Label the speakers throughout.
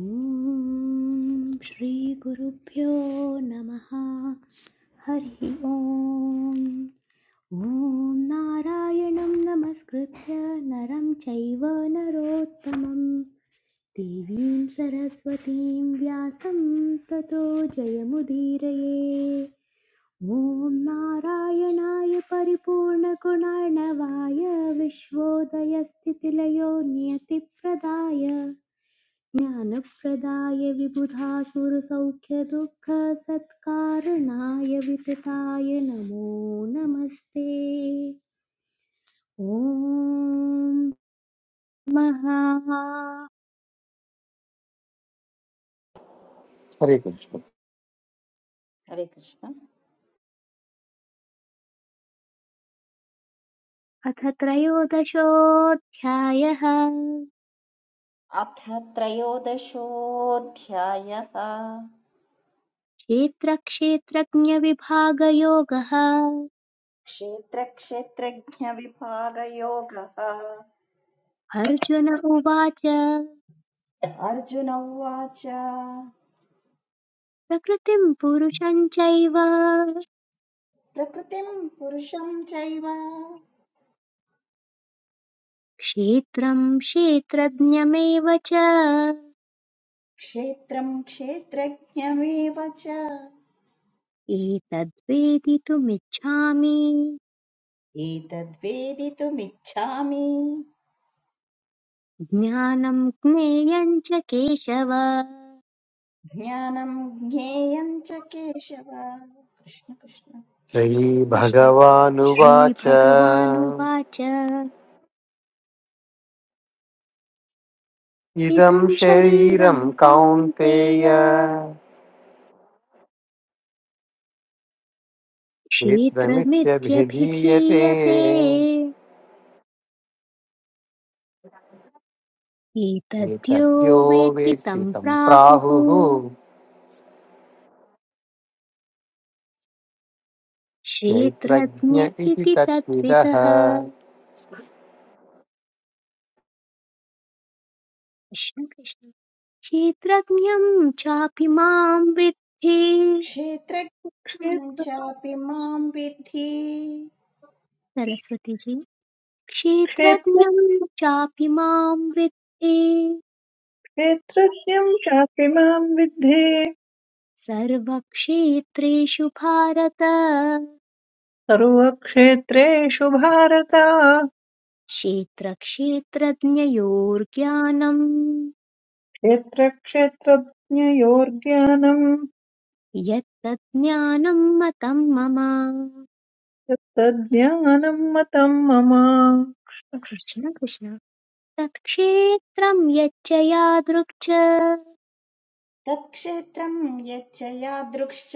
Speaker 1: ॐ श्रीगुरुभ्यो नमः हरिः ॐ ॐ नारायणं नमस्कृत्य नरं चैव नरोत्तमं देवीं सरस्वतीं व्यासं ततो जयमुदीरये ॐ नारायणाय परिपूर्णगुणार्णवाय विश्वोदयस्थितिलयो नियतिप्रदाय ज्ञानप्रदाय विबुधासुरसौख्यदुःखसत्कारणाय वितताय नमो नमस्ते ॐ महा
Speaker 2: हरे कृष्ण
Speaker 3: हरे कृष्ण
Speaker 1: अथ त्रयोदशोऽध्यायः
Speaker 3: अथ त्रयोदशोऽध्यायः
Speaker 1: क्षेत्रक्षेत्रज्ञविभागयोगः
Speaker 3: क्षेत्रक्षेत्रज्ञविभागयोगः
Speaker 1: अर्जुन उवाच
Speaker 3: अर्जुन उवाच
Speaker 1: प्रकृतिं पुरुषं चैव
Speaker 3: प्रकृतिम् पुरुषम् चैव
Speaker 1: क्षेत्रं क्षेत्रज्ञमेव च
Speaker 3: क्षेत्रम् क्षेत्रज्ञमेव च
Speaker 1: एतद्वेदितुमिच्छामि
Speaker 3: एतद्वेदितुमिच्छामि
Speaker 1: ज्ञानं ज्ञेयं च केशव
Speaker 3: ज्ञानम् ज्ञेयम् च केशव कृष्ण कृष्ण
Speaker 1: कृष्ण
Speaker 2: श्रीभगवानुवाच
Speaker 1: श्रीभगवानुवाच
Speaker 2: इदं
Speaker 1: इदं शरीरं
Speaker 2: शरीरं
Speaker 1: कौन्तेय
Speaker 2: कौन्तेय क्षेत्रमित्यभिधीयते
Speaker 1: क्षेत्रमित्यभिधीयते एतद्यो
Speaker 2: एतद्यो
Speaker 1: वेत्ति
Speaker 2: वेत्ति
Speaker 1: तं
Speaker 2: तं
Speaker 1: प्राहुः
Speaker 2: प्राहुः क्षेत्रज्ञ
Speaker 1: क्षेत्रज्ञ
Speaker 2: इति
Speaker 1: इति
Speaker 2: तत्विदः
Speaker 1: तद्विदः कृष्ण कृष्ण क्षेत्रज्ञं चापि मां विद्धि
Speaker 3: क्षेत्रज्ञम् चापि माम् विद्धि
Speaker 1: सरस्वतीजी
Speaker 4: क्षेत्र
Speaker 1: क्षेत्रज्ञं चापि मां विद्धि
Speaker 4: क्षेत्रज्ञं चापि मां विद्धि
Speaker 1: सर्वक्षेत्रेषु भारत
Speaker 4: सर्वक्षेत्रेषु भारत
Speaker 1: क्षेत्रक्षेत्रज्ञयोर्ज्ञानम्
Speaker 4: क्षेत्रक्षेत्रज्ञयोर्ज्ञानम्
Speaker 1: यत्तज्ज्ञानं मतं मम
Speaker 4: तत्तज्ज्ञानम् मतम् मम
Speaker 1: कृष्ण कृष्ण तत्क्षेत्रं यच्च यादृक् च
Speaker 3: तत्क्षेत्रम् यच्च यादृक्श्च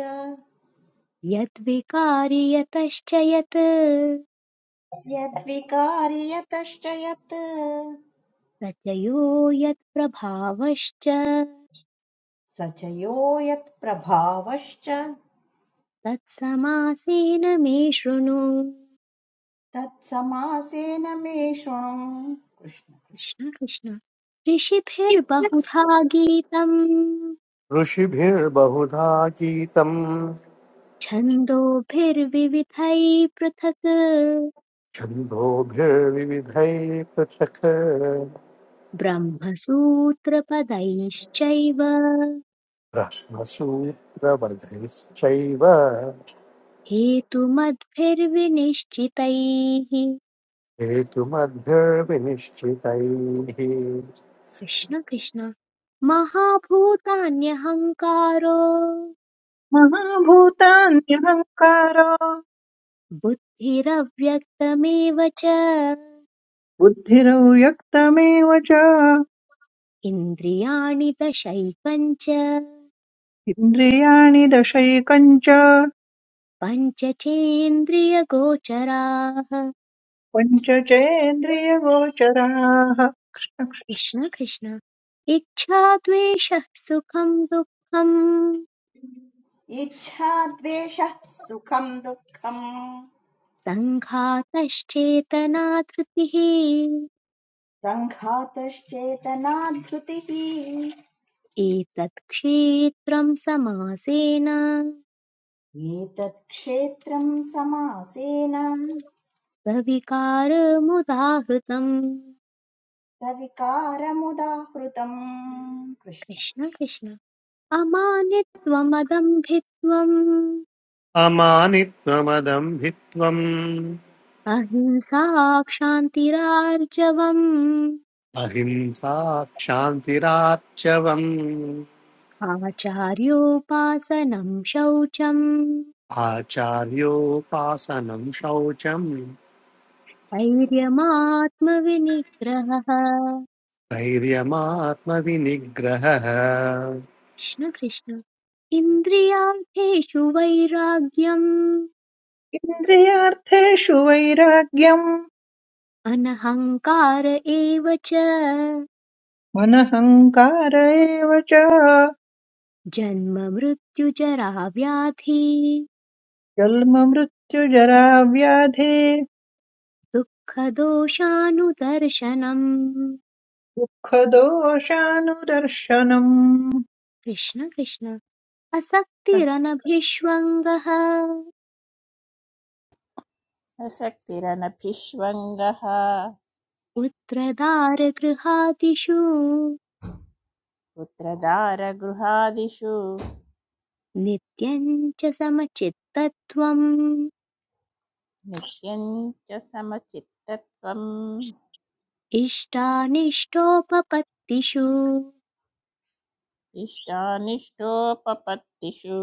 Speaker 1: यद्विकारि यतश्च यत्
Speaker 3: यद्विकारि यतश्च यत्
Speaker 1: स च यो यत्प्रभावश्च
Speaker 3: स च यो यत्प्रभावश्च
Speaker 1: तत्समासेन मे शृणु
Speaker 3: तत्समासेन मे शृणु कृष्ण
Speaker 1: कृष्ण कृष्ण ऋषिभिर्बहुधा गीतम्
Speaker 2: ऋषिभिर्बहुधा गीतम्
Speaker 1: छन्दोभिर्विविधैः पृथक्
Speaker 2: छन्दोभिर्विविधैः पृथक्
Speaker 1: ब्रह्मसूत्रपदैश्चैव
Speaker 2: ब्रह्मसूत्रवधैश्चैव
Speaker 1: हेतुमद्भिर्विनिश्चितैः
Speaker 2: हेतुमद्भिर्विनिश्चितैः
Speaker 1: कृष्ण कृष्ण महाभूतान्यहङ्कारो
Speaker 4: महाभूतान्यहङ्कार
Speaker 1: बुद्धिरव्यक्तमेव च
Speaker 4: बुद्धिरौ व्यक्तमेव च
Speaker 1: इन्द्रियाणि दशैकञ्च
Speaker 4: इन्द्रियाणि दशैकञ्च
Speaker 1: पञ्चचेन्द्रियगोचराः
Speaker 4: पञ्च चेन्द्रियगोचराः
Speaker 1: कृष्ण कृष्ण इच्छा द्वेषः सुखं दुःखं
Speaker 3: इच्छा द्वेषः सुखम् दुःखम्
Speaker 1: सङ्घातश्चेतना धृतिः
Speaker 3: सङ्घातश्चेतना धृतिः
Speaker 1: एतत् क्षेत्रं समासेन
Speaker 3: एतत् क्षेत्रम् समासेन
Speaker 1: सविकारमुदाहृतम्
Speaker 3: सविकारमुदाहृतम् कृष्ण
Speaker 1: कृष्ण कृष्ण अमानित्वमदम्भित्वम्
Speaker 2: अमानित्वमदम्भित्वम्
Speaker 1: अहिंसा क्षान्तिरार्जवम्
Speaker 2: अहिंसा क्षान्तिरार्चवम्
Speaker 1: आचार्योपासनं शौचम्
Speaker 2: आचार्योपासनं शौचम्
Speaker 1: धैर्यमात्मविनिग्रहः कृष्ण
Speaker 2: धैर्यमात्मविनिग्रहः
Speaker 1: कृष्ण इन्द्रियार्थेषु वैराग्यम्
Speaker 4: इन्द्रियार्थेषु वैराग्यम्
Speaker 1: अनहङ्कार एव च
Speaker 4: मनहङ्कार एव च
Speaker 1: जन्म मृत्यु जरा व्याधि
Speaker 4: जन्ममृत्युजराव्याधे
Speaker 1: दुःखदोषानुदर्शनम्
Speaker 4: दुःखदोषानुदर्शनम्
Speaker 1: कृष्ण कृष्ण असक्तिरनभिष्वङ्गः
Speaker 5: असक्तिरनभिष्वङ्गः
Speaker 1: पुत्रदारगृहादिषु
Speaker 5: पुत्रदारगृहादिषु
Speaker 1: नित्यं च समचित्तत्वम्
Speaker 5: नित्यं च समचित्तत्वम्
Speaker 1: इष्टानिष्टोपपत्तिषु
Speaker 5: इष्टानिष्टोपपत्तिषु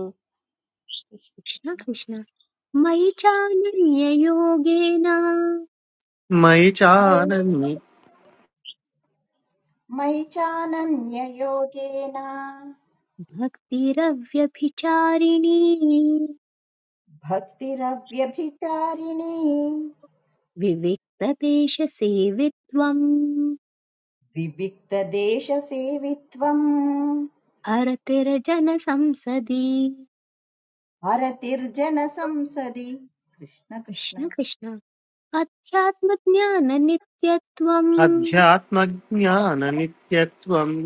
Speaker 1: कृष्ण कृष्ण मयि चानन्ययोगेन
Speaker 2: मयि
Speaker 3: मयि
Speaker 2: चानन्य
Speaker 3: मयि चानन्ययोगेन
Speaker 1: भक्तिरव्यभिचारिणी
Speaker 3: भक्तिरव्यभिचारिणी
Speaker 1: विविक्तदेशसेवित्वम्
Speaker 3: विविक्तदेशसेवित्वम्
Speaker 1: हरतिरजनसंसदि
Speaker 3: हरतिर्जनसंसदि कृष्ण कृष्ण
Speaker 1: कृष्ण कृष्ण अध्यात्मज्ञाननित्यत्वम्
Speaker 2: अध्यात्मज्ञाननित्यत्वम्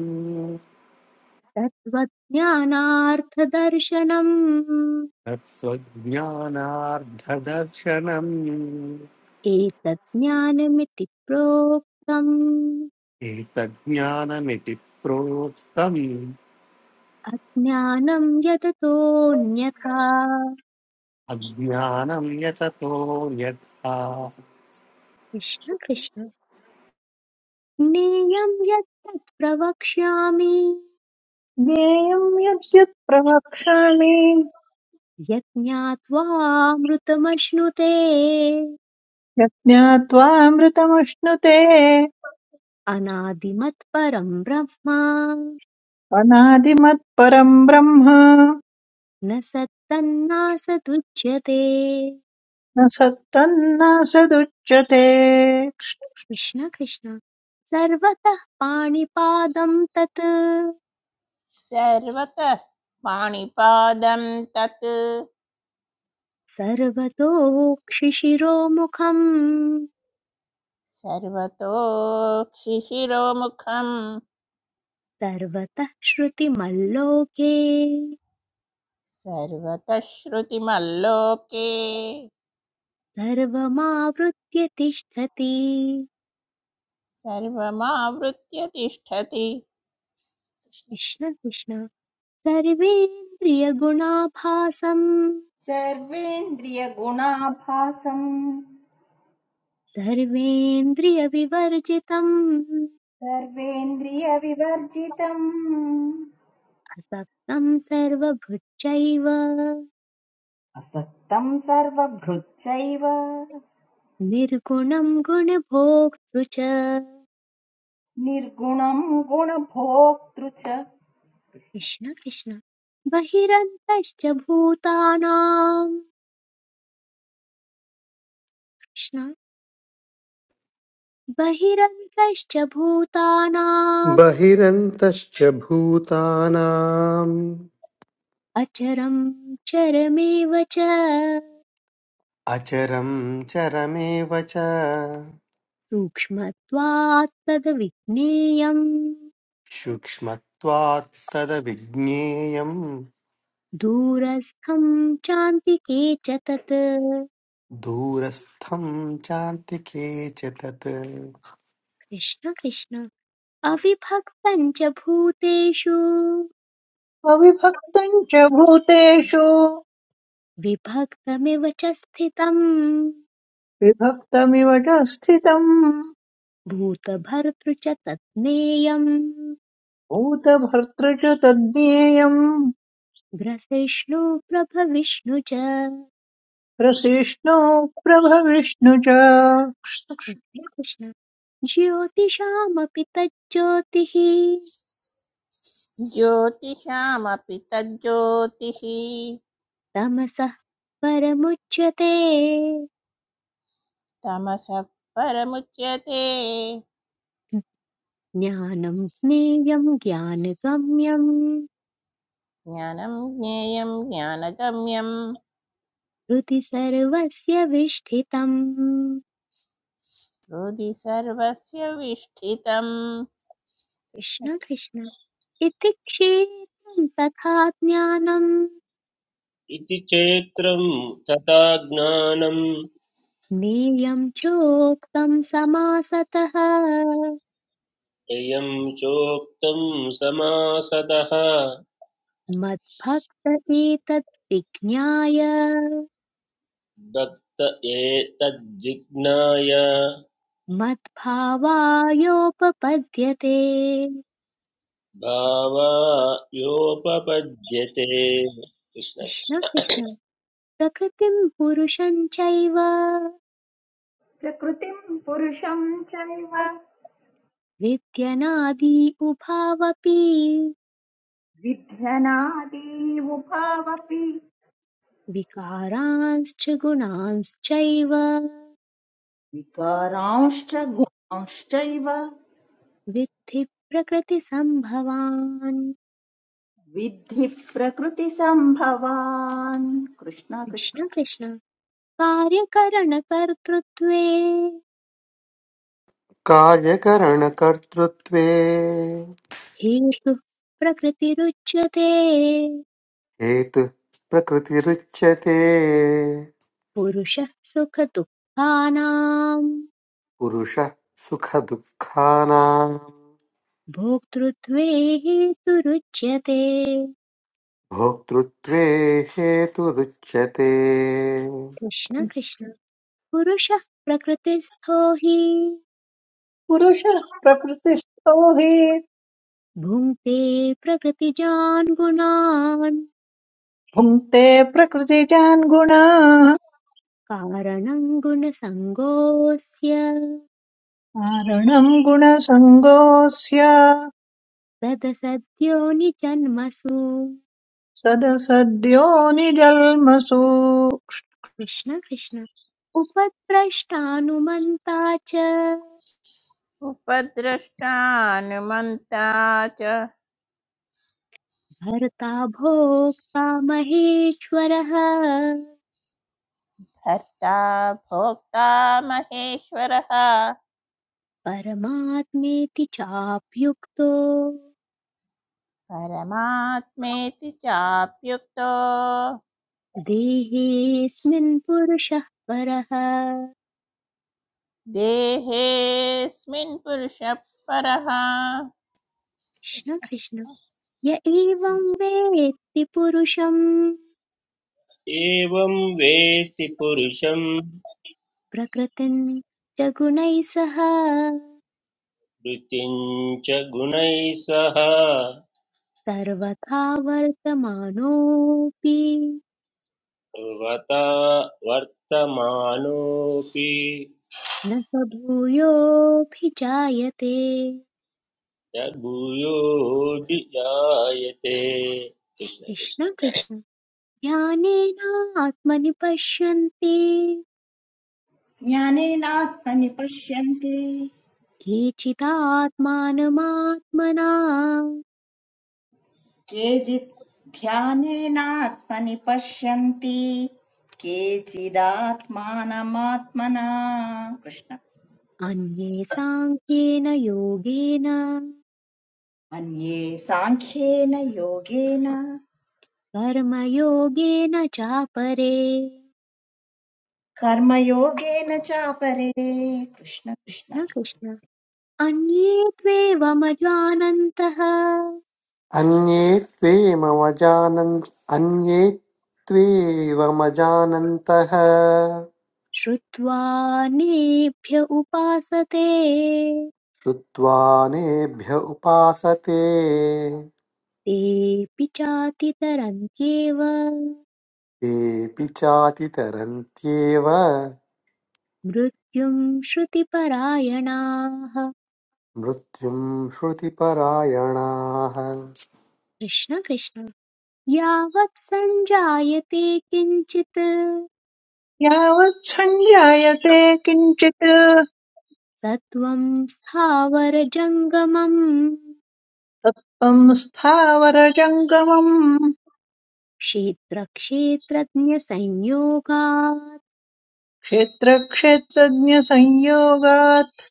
Speaker 1: तत्त्वज्ञानार्थदर्शनम्
Speaker 2: तत्त्वज्ञानार्धदर्शनम्
Speaker 1: एतज्ज्ञानमिति प्रोक्तम्
Speaker 2: एतज्ज्ञानमिति प्रोक्तम्
Speaker 1: अज्ञानं यदतोऽन्यथा
Speaker 2: अज्ञानं यततोऽन्यथा
Speaker 1: कृष्ण कृष्ण ज्ञेयं यत्तत् प्रवक्ष्यामि
Speaker 4: ज्ञेयम् यद्यत् प्रवक्ष्यामि
Speaker 1: यज्ञात्वामृतमश्नुते
Speaker 4: यज्ञात्वामृतमश्नुते
Speaker 1: अनादिमत्परं ब्रह्म
Speaker 4: अनादिमत्परम् ब्रह्म
Speaker 1: न सत्तन्नासदुच्यते
Speaker 4: न सत्तन्नासदुच्यते
Speaker 1: कृष्ण कृष्ण सर्वतः पाणिपादं तत्
Speaker 5: सर्वतः पाणिपादं तत्
Speaker 1: सर्वतोक्षिशिरोमुखम्
Speaker 5: सर्वतोक्षिशिरोमुखं
Speaker 1: सर्वतः श्रुतिमल्लोके
Speaker 5: सर्वतः श्रुतिमल्लोके
Speaker 1: सर्वमावृत्य तिष्ठति
Speaker 5: सर्वमावृत्य तिष्ठति
Speaker 1: कृष्ण कृष्ण सर्वेन्द्रियगुणाभासम्
Speaker 3: सर्वेन्द्रियगुणाभासम्
Speaker 1: सर्वेन्द्रियविवर्जितम्
Speaker 3: सर्वेन्द्रियविवर्जितम्
Speaker 1: असक्तम् सर्वभृच्चैव
Speaker 3: असक्तम् सर्वभृत्सैव
Speaker 1: निर्गुणं गुणभोक्तृ च
Speaker 3: निर्गुणम् गुणभोक्तृ च
Speaker 1: कृष्ण कृष्ण बहिरन्तश्च भूतानां कृष्ण बहिरन्तश्च भूतानाम्
Speaker 2: बहिरन्तश्च भूतानाम्
Speaker 1: अचरं चरमेव च
Speaker 2: अचरं चरमेव च
Speaker 1: सूक्ष्मत्वात् तद्विज्ञेयम्
Speaker 2: सूक्ष्मत्वात् तदविज्ञेयम्
Speaker 1: दूरस्थं चान्तिके च तत्
Speaker 2: दूरस्थं चान्तिके च तत्
Speaker 1: कृष्ण कृष्ण अविभक्तं च भूतेषु
Speaker 4: अविभक्तम् च भूतेषु
Speaker 1: विभक्तमिव च स्थितम्
Speaker 4: विभक्तमिव च स्थितम्
Speaker 1: भूतभर्तृ च तत् ज्ञेयम्
Speaker 4: भूतभर्तृ च तद्ज्ञेयम्
Speaker 1: ग्रसिष्णु प्रभविष्णु च
Speaker 4: रसिष्णु प्रभविष्णु च
Speaker 1: कृष्ण ज्योतिषामपि तज्ज्योतिः
Speaker 5: ज्योतिषामपि तज्ज्योतिः
Speaker 1: तमसः परमुच्यते
Speaker 5: तमसः परमुच्यते
Speaker 1: ज्ञानं ज्ञेयं ज्ञानगम्यं
Speaker 5: ज्ञानं ज्ञेयं ज्ञानगम्यं
Speaker 1: हृदि सर्वस्य विष्ठितम् कृष्ण
Speaker 5: हृदि सर्वस्य विष्ठितम् कृष्ण कृष्ण।
Speaker 1: कृष्ण इति क्षेत्रं तथा ज्ञानं
Speaker 6: इति चैत्रं तथा ज्ञानं
Speaker 1: ज्ञेयं चोक्तं समासतः
Speaker 6: ययं चोक्तं समासदः
Speaker 1: मद्भक्त एतत् विज्ञाय
Speaker 6: दत्त एतद्विज्ञाय
Speaker 1: मद्भावायोपपद्यते
Speaker 6: भावायोपपद्यते कृष्ण
Speaker 1: कृष्ण
Speaker 6: कृष्ण।
Speaker 1: कृष्ण प्रकृतिम् पुरुषम् चैव
Speaker 3: प्रकृतिम् पुरुषम् चैव
Speaker 1: विद्यनादि उभावपि
Speaker 3: विध्यनादेवुभावपि
Speaker 1: विकारांश्च गुणांश्चैव
Speaker 3: विकारांश्च गुणांश्चैव
Speaker 1: विद्धि प्रकृतिसम्भवान्
Speaker 3: विद्धि प्रकृतिसम्भवान् कृष्ण
Speaker 1: कृष्ण
Speaker 3: कृष्ण
Speaker 1: कृष्ण कार्यकरणकर्तृत्वे
Speaker 2: कार्यकरणकर्तृत्वे
Speaker 1: हेतुः प्रकृतिरुच्यते
Speaker 2: हेतुः प्रकृतिरुच्यते
Speaker 1: पुरुषः सुखदुःखानाम्
Speaker 2: पुरुषः सुखदुःखानां
Speaker 1: भोक्तृत्वे हेतुरुच्यते
Speaker 2: भोक्तृत्वे हेतुरुच्यते
Speaker 1: कृष्ण कृष्ण पुरुषः प्रकृतिस्थो हि
Speaker 4: पुरुषः प्रकृतिस्थो हि
Speaker 1: भुङ्क्ते प्रकृतिजान् गुणान्
Speaker 4: भुङ्क्ते प्रकृतिजान् गुणाः
Speaker 1: कारणं गुणसङ्गोऽस्य
Speaker 4: कारणम् गुणसङ्गोऽस्य
Speaker 1: तदसद्योनिजन्मसु
Speaker 4: सदसद्यो निजल्मसु
Speaker 1: कृष्ण कृष्ण उपद्रष्टानुमन्ता च
Speaker 5: उपद्रष्टानुमन्ता च
Speaker 1: भर्ता भोक्ता महेश्वरः
Speaker 5: भर्ता भोक्ता महेश्वरः
Speaker 1: परमात्मेति चाप्युक्तो
Speaker 5: परमात्मेति चाप्युक्तो
Speaker 1: देहेऽस्मिन् पुरुषः परः कृष्ण
Speaker 5: देहेऽस्मिन् पुरुषः परः
Speaker 1: कृष्ण य एवं वेत्ति पुरुषं
Speaker 6: एवं वेत्ति पुरुषं
Speaker 1: प्रकृतिं च गुणैः सह
Speaker 6: वृत्तिं च गुणैः सह
Speaker 1: सर्वथा वर्तमानोऽपि
Speaker 6: सर्वथा वर्तमानोऽपि
Speaker 1: न स भूयोऽभिजायते
Speaker 6: य भूयोऽपि जायते कृष्ण कृष्ण
Speaker 1: कृष्ण कृष्ण ध्यानेनात्मनि पश्यन्ति
Speaker 3: ज्ञानेनात्मनि पश्यन्ति
Speaker 1: केचिदात्मानमात्मना
Speaker 3: केचित् ध्यानेनात्मनि पश्यन्ति केचिदात्मानमात्मना कृष्ण
Speaker 1: अन्ये साङ्ख्येन योगेन
Speaker 3: अन्ये साङ्ख्येन योगेन
Speaker 1: कर्मयोगेन चापरे
Speaker 3: कर्मयोगेन चापरे कृष्ण कृष्ण
Speaker 1: न कृष्ण अन्ये त्वेवमजानन्तः
Speaker 2: अन्ये त्वेमवजानन् अन्ये त्वेवमजानन्तः
Speaker 1: श्रुत्वा नेभ्य उपासते
Speaker 2: श्रुत्वा उपासते
Speaker 1: तेऽपि चातितरन्त्येव
Speaker 2: तेऽपि चातितरन्त्येव
Speaker 1: मृत्युम् श्रुतिपरायणाः
Speaker 2: मृत्युं श्रुतिपरायणाः
Speaker 1: कृष्ण कृष्ण यावत् सञ्जायते किञ्चित्
Speaker 4: यावत् सञ्जायते किञ्चित्
Speaker 1: सत्त्वं स्थावरजङ्गमम्
Speaker 4: तत्त्वम् स्थावरजङ्गमम्
Speaker 1: क्षेत्रक्षेत्रज्ञसंयोगात्
Speaker 4: क्षेत्रक्षेत्रज्ञसंयोगात्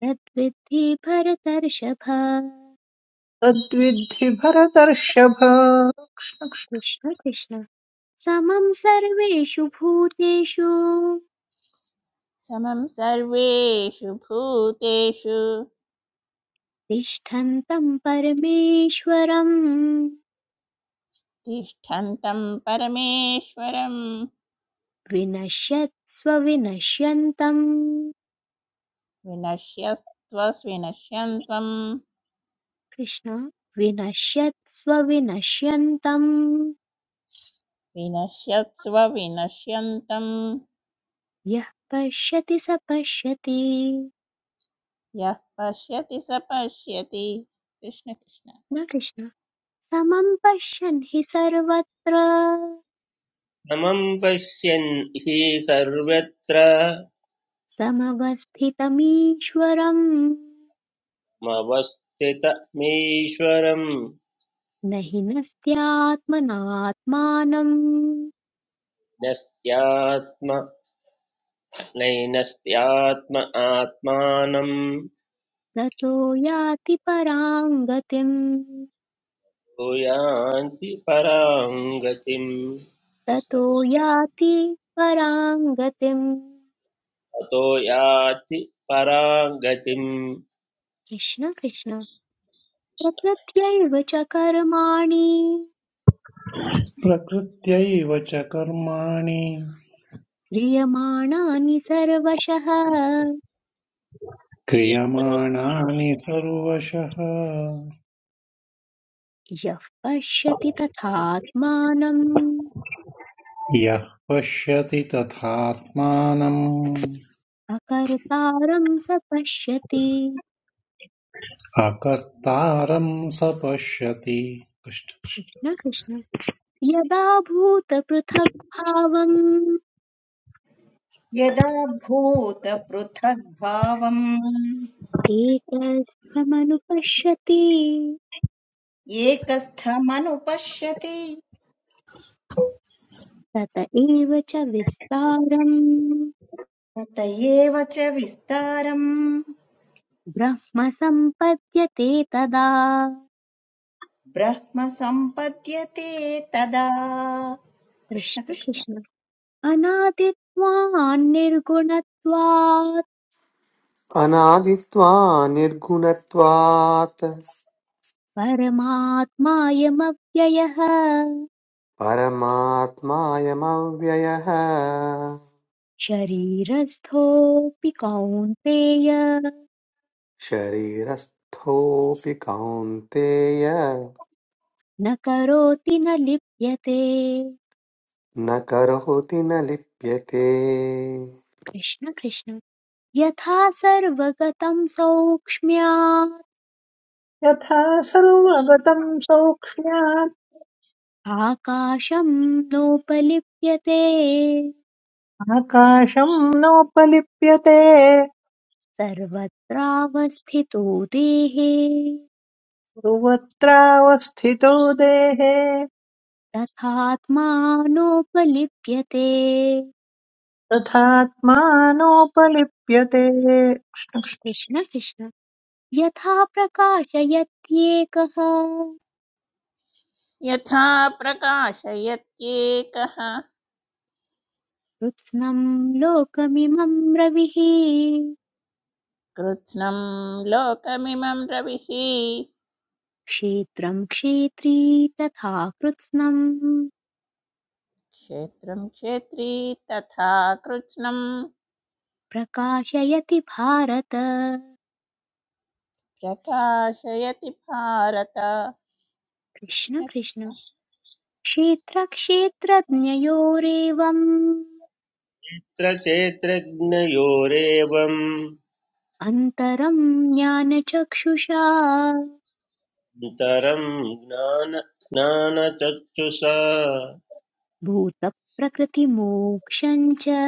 Speaker 1: तद्विद्धि भरतर्षभ
Speaker 4: तद्विद्धि भरतर्षभ
Speaker 1: कृष्ण कृष्ण समं सर्वेषु भूतेषु
Speaker 5: समं सर्वेषु भूतेषु
Speaker 1: तिष्ठन्तं परमेश्वरम्
Speaker 5: तिष्ठन्तं परमेश्वरं
Speaker 1: विनश्यत्स्वविनश्यन्तम्
Speaker 5: विनश्यस्त्वविनश्यन्तं
Speaker 1: कृष्ण विनश्यत्स्वविनश्यन्तम्
Speaker 5: विनश्यत्स्व विनश्यन्तं
Speaker 1: यः पश्यति स पश्यति
Speaker 5: यः पश्यति स पश्यति कृष्णकृष्ण
Speaker 1: न कृष्ण समं पश्यन् हि सर्वत्र
Speaker 6: समं पश्यन् हि सर्वत्र
Speaker 1: समवस्थितमीश्वरम्
Speaker 6: मवस्थितमीश्वरम्
Speaker 1: न हि नस्त्यात्मनात्मानम्
Speaker 6: नस्त्यात्म नैनस्त्यात्म आत्मानम्
Speaker 1: ततो याति पराम् गतिम्
Speaker 6: भूयान्ति परां गतिम् कृष्ण
Speaker 1: ततो
Speaker 6: कृष्ण
Speaker 1: याति पराम् गतिम्
Speaker 6: अतो याति परां गतिम्
Speaker 1: कृष्ण कृष्ण प्रकृत्यैव च कर्माणि
Speaker 7: प्रकृत्यैव च कर्माणि
Speaker 1: क्रियमाणानि सर्वशः
Speaker 6: यत्र
Speaker 7: क्रियमाणानि सर्वशः
Speaker 1: यः पश्यति तथात्मानम्
Speaker 7: यः पश्यति तथात्मानम्
Speaker 1: अकर्तारं स पश्यति
Speaker 7: अकर्तारं स पश्यति
Speaker 1: न कृष्ण यदा भूतपृथग्भावम्
Speaker 3: यदा भूतपृथग्भावम्
Speaker 1: एकस्थमनुपश्यति
Speaker 3: एकस्थमनुपश्यति
Speaker 1: तत एव च विस्तारम्
Speaker 3: तत एव च विस्तारम्
Speaker 1: ब्रह्म सम्पद्यते तदा
Speaker 3: ब्रह्म सम्पद्यते तदा कृष्ण
Speaker 1: कृष्ण
Speaker 3: कृष्ण
Speaker 1: कृष्ण अनादित्वान् निर्गुणत्वात्
Speaker 2: अनादित्वा निर्गुणत्वात्
Speaker 1: परमात्मायमव्ययः
Speaker 2: परमात्मायमव्ययः
Speaker 1: शरीरस्थोऽपि कौन्तेय
Speaker 2: शरीरस्थोऽपि कौन्तेय
Speaker 1: न करोति न लिप्यते
Speaker 2: न करोति न लिप्यते
Speaker 1: कृष्ण कृष्ण यथा सर्वगतं सौक्ष्म्यात्
Speaker 4: यथा सर्वगतं सौक्ष्म्यात्
Speaker 1: आकाशं नोपलिप्यते
Speaker 4: आकाशं नोपलिप्यते
Speaker 1: सर्वत्रावस्थितो देहे
Speaker 4: सर्वत्रावस्थितो देहे
Speaker 1: तथात्मानोपलिप्यते
Speaker 4: तथात्मानोपलिप्यते
Speaker 1: कृष्ण कृष्ण यथा प्रकाशयत्येकः
Speaker 5: यथा प्रकाशयत्येकः
Speaker 1: कृत्स्नं लोकमिमं रविः
Speaker 5: कृत्स्नं लोकमिमं रविः
Speaker 1: क्षेत्रं क्षेत्री तथा कृत्स्नं
Speaker 5: क्षेत्रं क्षेत्री तथा कृत्स्नं
Speaker 1: प्रकाशयति भारत
Speaker 5: प्रकाशयति भारत कृष्ण
Speaker 1: कृष्ण कृष्ण
Speaker 5: कृष्ण
Speaker 1: क्षेत्रक्षेत्रज्ञयोरेवम्
Speaker 6: चेत्रज्ञयोरेवम्
Speaker 1: अन्तरं ज्ञानचक्षुषा
Speaker 6: नितरं ज्ञान ज्ञानचक्षुषा
Speaker 1: भूतप्रकृतिमोक्षं च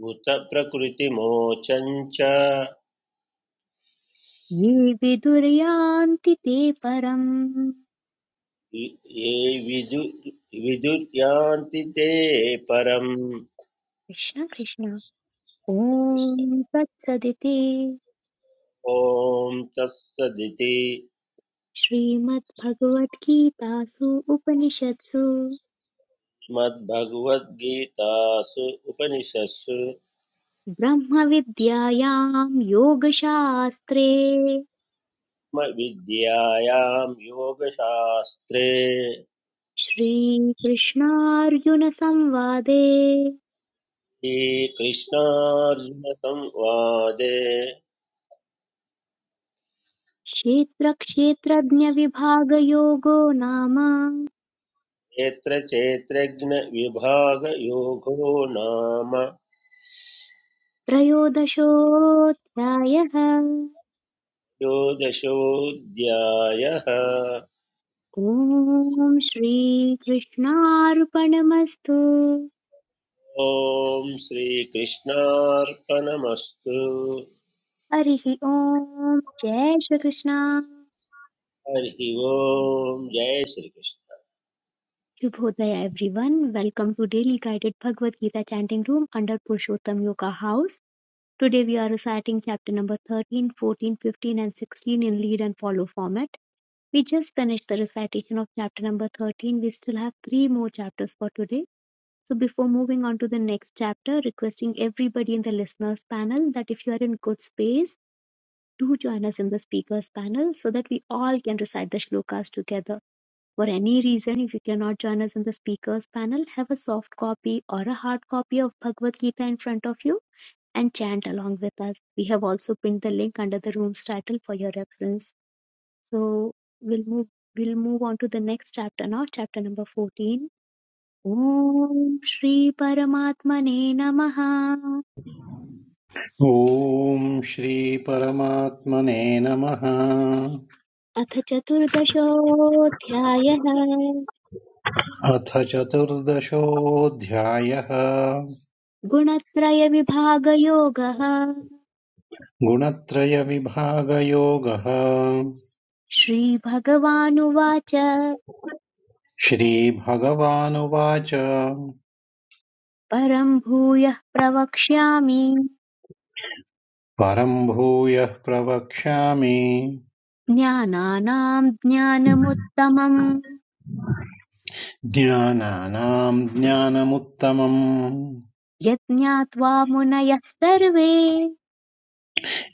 Speaker 6: भूतप्रकृतिमोचम् च
Speaker 1: ये विदुर्यान्ति ते परम्
Speaker 6: इ- ये विदु विदुर्यान्ति ते परम्
Speaker 1: कृष्ण कृष्ण ॐ तत्सदिति
Speaker 6: ॐ तत्सदिति
Speaker 1: श्रीमद्भगवद्गीतासु उपनिषत्सु
Speaker 6: श्रीमद्भगवद्गीतासु उपनिषत्सु
Speaker 1: ब्रह्मविद्यायां योगशास्त्रे
Speaker 6: म- विद्यायां योगशास्त्रे
Speaker 1: श्रीकृष्णार्जुनसंवादे
Speaker 6: श्रीकृष्णार्जुनसंवादे
Speaker 1: क्षेत्रक्षेत्रज्ञविभागयोगो नाम
Speaker 6: क्षेत्र क्षेत्रज्ञ विभाग योगो नाम
Speaker 1: त्रयोदशोऽध्यायः
Speaker 6: द्वादशोऽध्यायः
Speaker 1: ॐ श्रीकृष्णार्पणमस्तु
Speaker 6: ॐ श्रीकृष्णार्पणमस्तु
Speaker 1: हरिः ॐ जय श्रीकृष्ण
Speaker 6: हरि ओम् जय Shri Krishna
Speaker 1: Shubhodaya everyone. Welcome to Daily Guided Bhagavad Gita Chanting Room under Purushottam Yoga House. Today we are reciting chapter number 13, 14, 15 and 16 in lead and follow format. We just finished the recitation of chapter number 13. We still have three more chapters for today. So before moving on to the next chapter, requesting everybody in the listeners panel that if you are in good space, do join us in the speakers panel so that we all can recite the shlokas together. For any reason, if you cannot join us in the speakers panel, have a soft copy or a hard copy of Bhagavad Gita in front of you and chant along with us. We have also pinned the link under the room's title for your reference. So we'll move we'll move on to the next chapter now, chapter number 14. Om ॐ श्रीपरमात्मने नमः
Speaker 7: ॐ श्री परमात्मने नमः
Speaker 1: अथ चतुर्दशोऽध्यायः
Speaker 7: अथ चतुर्दशोऽध्यायः
Speaker 1: गुणत्रयविभागयोगः
Speaker 7: गुणत्रयविभागयोगः
Speaker 1: श्रीभगवानुवाच
Speaker 7: श्रीभगवानुवाच
Speaker 1: परम् भूयः प्रवक्ष्यामि
Speaker 7: Parambhujah pravakshami
Speaker 1: ज्ञानानाम् ज्ञानमुत्तमम्
Speaker 7: dhyana nam dhyanam uttamam
Speaker 1: यत् ज्ञात्वा मुनयः सर्वे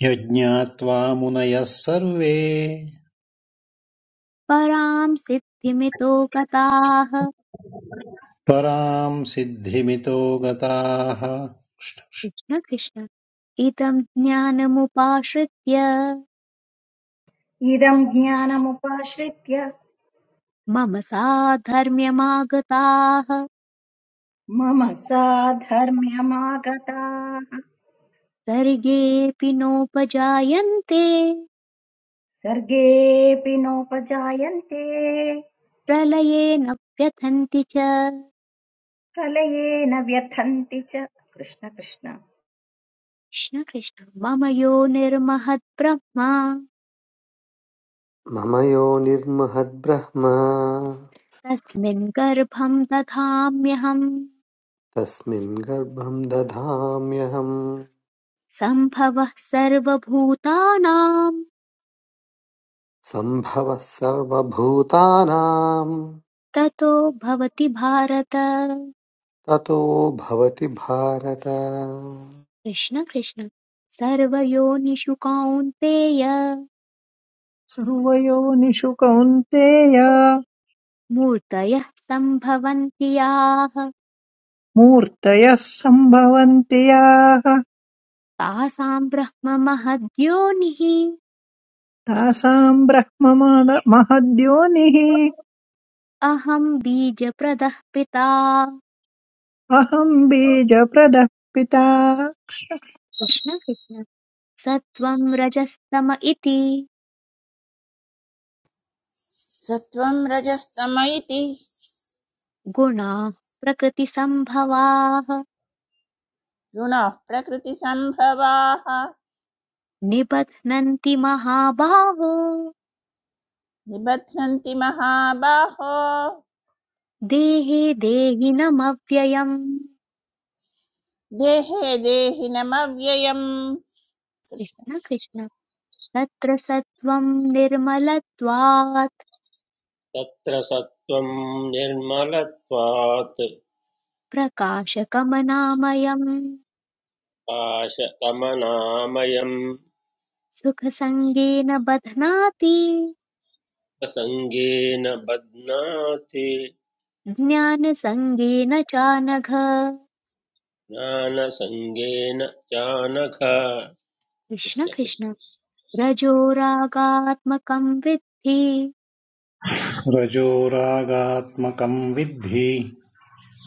Speaker 7: yadhyatva munaya sarvee
Speaker 1: पराम् सिद्धिमितो गताः
Speaker 7: param siddhimito gataha
Speaker 1: Krishna Krishna इदम् ज्ञानमुपाश्रित्य
Speaker 3: इदम् ज्ञानमुपाश्रित्य
Speaker 1: मम साधर्म्यमागताः
Speaker 3: मम साधर्म्यमागताः
Speaker 1: सर्गेऽपि नोपजायन्ते
Speaker 3: सर्गेऽपि नोपजायन्ते
Speaker 1: प्रलये न व्यथन्ति च कृष्ण
Speaker 3: प्रलयेन व्यथन्ति च कृष्ण कृष्ण
Speaker 1: कृष्ण मम यो निर्महद्ब्रह्मा
Speaker 2: मम यो निर्महद्ब्रह्म
Speaker 1: तस्मिन् गर्भं दधाम्यहम्
Speaker 2: तस्मिन् गर्भं दधाम्यहम्
Speaker 1: सम्भवः सर्वभूतानां
Speaker 2: सम्भवः सर्वभूतानां
Speaker 1: ततो भवति भारत
Speaker 2: ततो भवति भारत
Speaker 1: कृष्ण कृष्ण सर्वयोनिषु कौन्तेय
Speaker 4: सर्वयोनिषु कौन्तेय
Speaker 1: मूर्तयः सम्भवन्ति याः
Speaker 4: मूर्तयः सम्भवन्ति याः
Speaker 1: तासां ब्रह्म महद्योनिः
Speaker 4: तासाम् ब्रह्म मद- महद्योनिः
Speaker 1: अहं बीजप्रदः पिता
Speaker 4: अहम् बीजप्रदः पिता
Speaker 1: कृष्ण कृष्ण सत्त्वं रजस्तम इति
Speaker 5: सत्त्वं रजस्तम इति
Speaker 1: गुणाः प्रकृतिसम्भवाः
Speaker 5: गुणः प्रकृतिसम्भवाः
Speaker 1: निबध्नन्ति महाबाहो
Speaker 5: निबध्नन्ति महाबाहो
Speaker 1: देहे देहिनमव्ययम्
Speaker 5: देहे देहिनमव्ययम्
Speaker 1: कृष्ण कृष्ण तत्र सत्त्वम् निर्मलत्वात्
Speaker 6: तत्र सत्त्वं निर्मलत्वात्
Speaker 1: प्रकाशकमनामयम्
Speaker 6: पाशकमनामयम्
Speaker 1: सुखसङ्गेन बध्नाति
Speaker 6: सङ्गेन बध्नाति
Speaker 1: ज्ञानसङ्गेन चानघ
Speaker 6: ज्ञानसङ्गेन चानघ कृष्ण
Speaker 1: कृष्ण कृष्ण
Speaker 6: कृष्ण
Speaker 1: रजोरागात्मकम् विद्धि
Speaker 7: rajoragaatmakam vidhi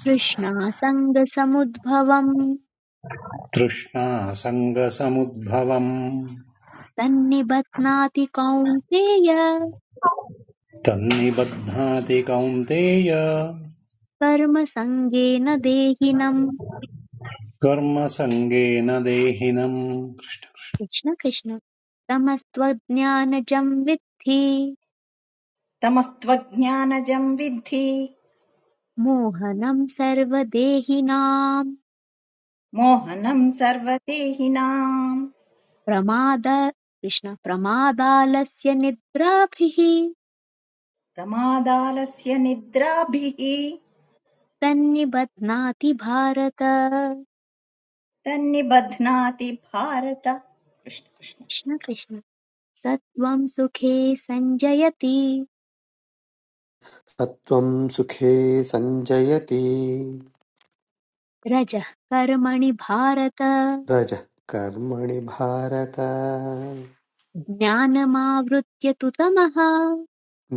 Speaker 1: तृष्णासङ्गसमुद्भवम्
Speaker 7: trishna sangasamudbhavam
Speaker 1: तन्निबध्नाति Kaunteya
Speaker 7: tanibaddha dekaunteya
Speaker 1: कर्मसङ्गेन देहिनम्
Speaker 7: karma sangena dehi nam krishna.
Speaker 1: Krishna Krishna तमस्त्वज्ञानजं विद्धि
Speaker 3: तमस्त्वज्ञानजम् विद्धि
Speaker 1: मोहनं सर्वदेहिनां
Speaker 3: मोहनं सर्वदेहिनां
Speaker 1: प्रमाद कृष्ण प्रमादालस्य निद्राभिः
Speaker 3: प्रमादालस्य निद्राभिः
Speaker 1: तन्निबध्नाति भारत कृष्ण
Speaker 3: तन्निबध्नाति भारत कृष्ण कृष्ण
Speaker 1: कृष्ण सत्त्वं सुखे सञ्जयति
Speaker 2: सत्त्वं सुखे सञ्जयति
Speaker 1: रजः कर्मणि भारत
Speaker 2: रजः कर्मणि भारत
Speaker 1: ज्ञानमावृत्य तु तमः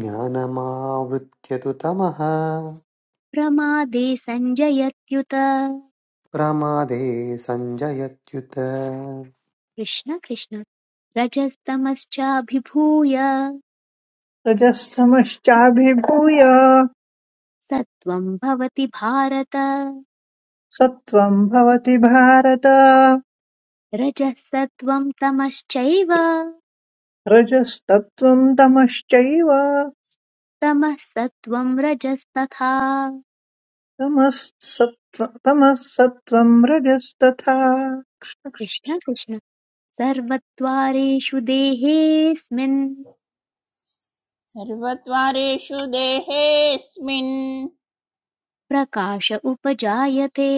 Speaker 2: ज्ञानमावृत्य तु तमः
Speaker 1: प्रमादे सञ्जयत्युत
Speaker 2: प्रमादे सञ्जयत्युत
Speaker 1: कृष्ण कृष्ण रजस्तमश्चाभिभूय
Speaker 4: रजस्तमश्चाभिभूय
Speaker 1: सत्वं भवति भारत
Speaker 4: सत्त्वं भवति भारत
Speaker 1: रजः सत्वं तमश्चैव
Speaker 4: रजस्तत्त्वं तमश्चैव
Speaker 1: तमः सत्वं रजस्तथा
Speaker 4: तमः तमः सत्त्वं रजस्तथा
Speaker 1: कृष्ण कृष्ण सर्वद्वारेषु देहेऽस्मिन्
Speaker 5: सर्वद्वारेषु देहेऽस्मिन्
Speaker 1: प्रकाश उपजायते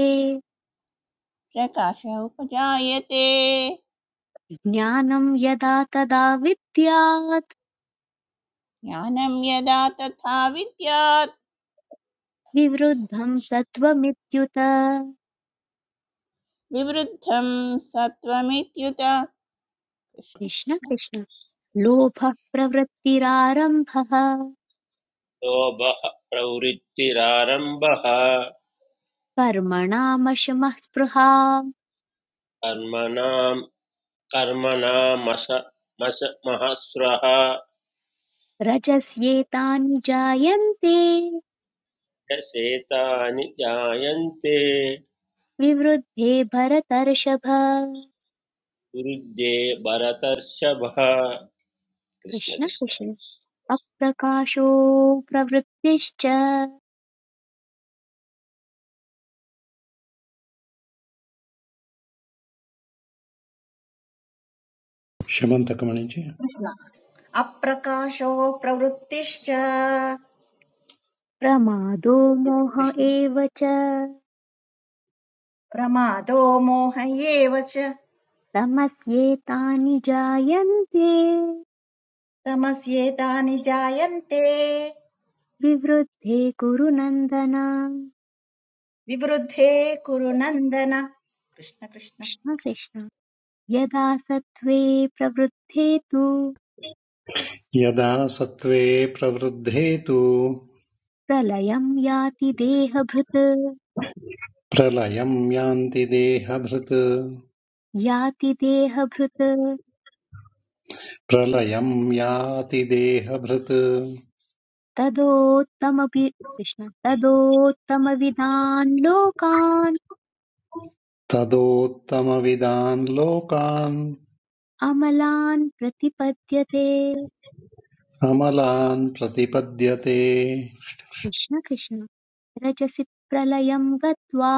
Speaker 5: प्रकाश उपजायते
Speaker 1: ज्ञानं यदा तदा विद्यात्
Speaker 5: ज्ञानं यदा तथा विद्यात्
Speaker 1: विवृद्धं सत्त्वमित्युत
Speaker 5: विवृद्धं सत्त्वमित्युत कृष्ण
Speaker 1: कृष्ण
Speaker 5: कृष्ण
Speaker 1: कृष्ण लोभः प्रवृत्तिरारम्भः
Speaker 6: लोभः प्रवृत्तिरारम्भः
Speaker 1: कर्मणामशमः स्पृहा
Speaker 6: कर्मणां कर्मणामस मस महस्रः
Speaker 1: रजस्येतानि जायन्ते
Speaker 6: यशेतानि जायन्ते
Speaker 1: विवृद्धे भरतर्षभ
Speaker 6: वृद्धे भरतर्षभः कृष्ण
Speaker 1: कृष्ण
Speaker 6: कृष्ण
Speaker 1: कृष्ण अप्रकाशो प्रवृत्तिश्च
Speaker 3: अप्रकाशो प्रवृत्तिश्च
Speaker 1: प्रमादो मोह
Speaker 3: कृष्ण
Speaker 1: एव च
Speaker 3: प्रमादो मोह एव च
Speaker 1: तमस्येतानि जायन्ते
Speaker 3: तमस्येतानि जायन्ते
Speaker 1: विवृद्धे कुरु नन्दन
Speaker 3: विवृद्धे कुरु नन्दन कृष्ण कृष्ण
Speaker 1: कृष्ण कृष्ण यदा सत्त्वे प्रवृद्धे तु
Speaker 7: यदा सत्त्वे प्रवृद्धे तु
Speaker 1: प्रलयं याति देहभृत्
Speaker 7: प्रलयं यान्ति देहभृत्
Speaker 1: याति देहभृत्
Speaker 7: प्रलयं याति देहभृत्
Speaker 1: तदोत्तमपि कृष्ण तदोत्तमविदान् लोकान्
Speaker 7: तदोत्तमविदान् लोकान्
Speaker 1: अमलान् प्रतिपद्यते
Speaker 7: अमलान् प्रतिपद्यते
Speaker 1: कृष्ण कृष्ण रजसि प्रलयं गत्वा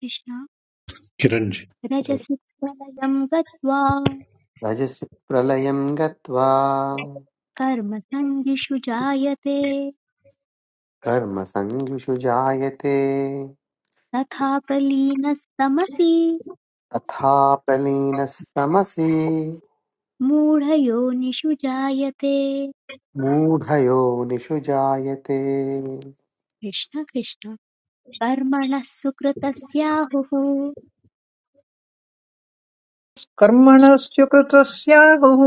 Speaker 1: कृष्ण
Speaker 7: किरण्जी
Speaker 1: रजसि प्रलयं गत्वा
Speaker 2: रजसि प्रलयं गत्वा
Speaker 1: कर्मसन्धिषु जायते
Speaker 2: कर्मसङ्गिषु जायते
Speaker 1: तथा प्रलीनस्तमसि
Speaker 2: तथा प्रलीनस्तमसि
Speaker 1: मूढयोनिषु जायते
Speaker 2: मूढयोनिषु जायते
Speaker 1: कृष्ण कृष्ण कर्मणः सुकृतस्याहुः
Speaker 4: कर्मणस्य कृतस्याहुः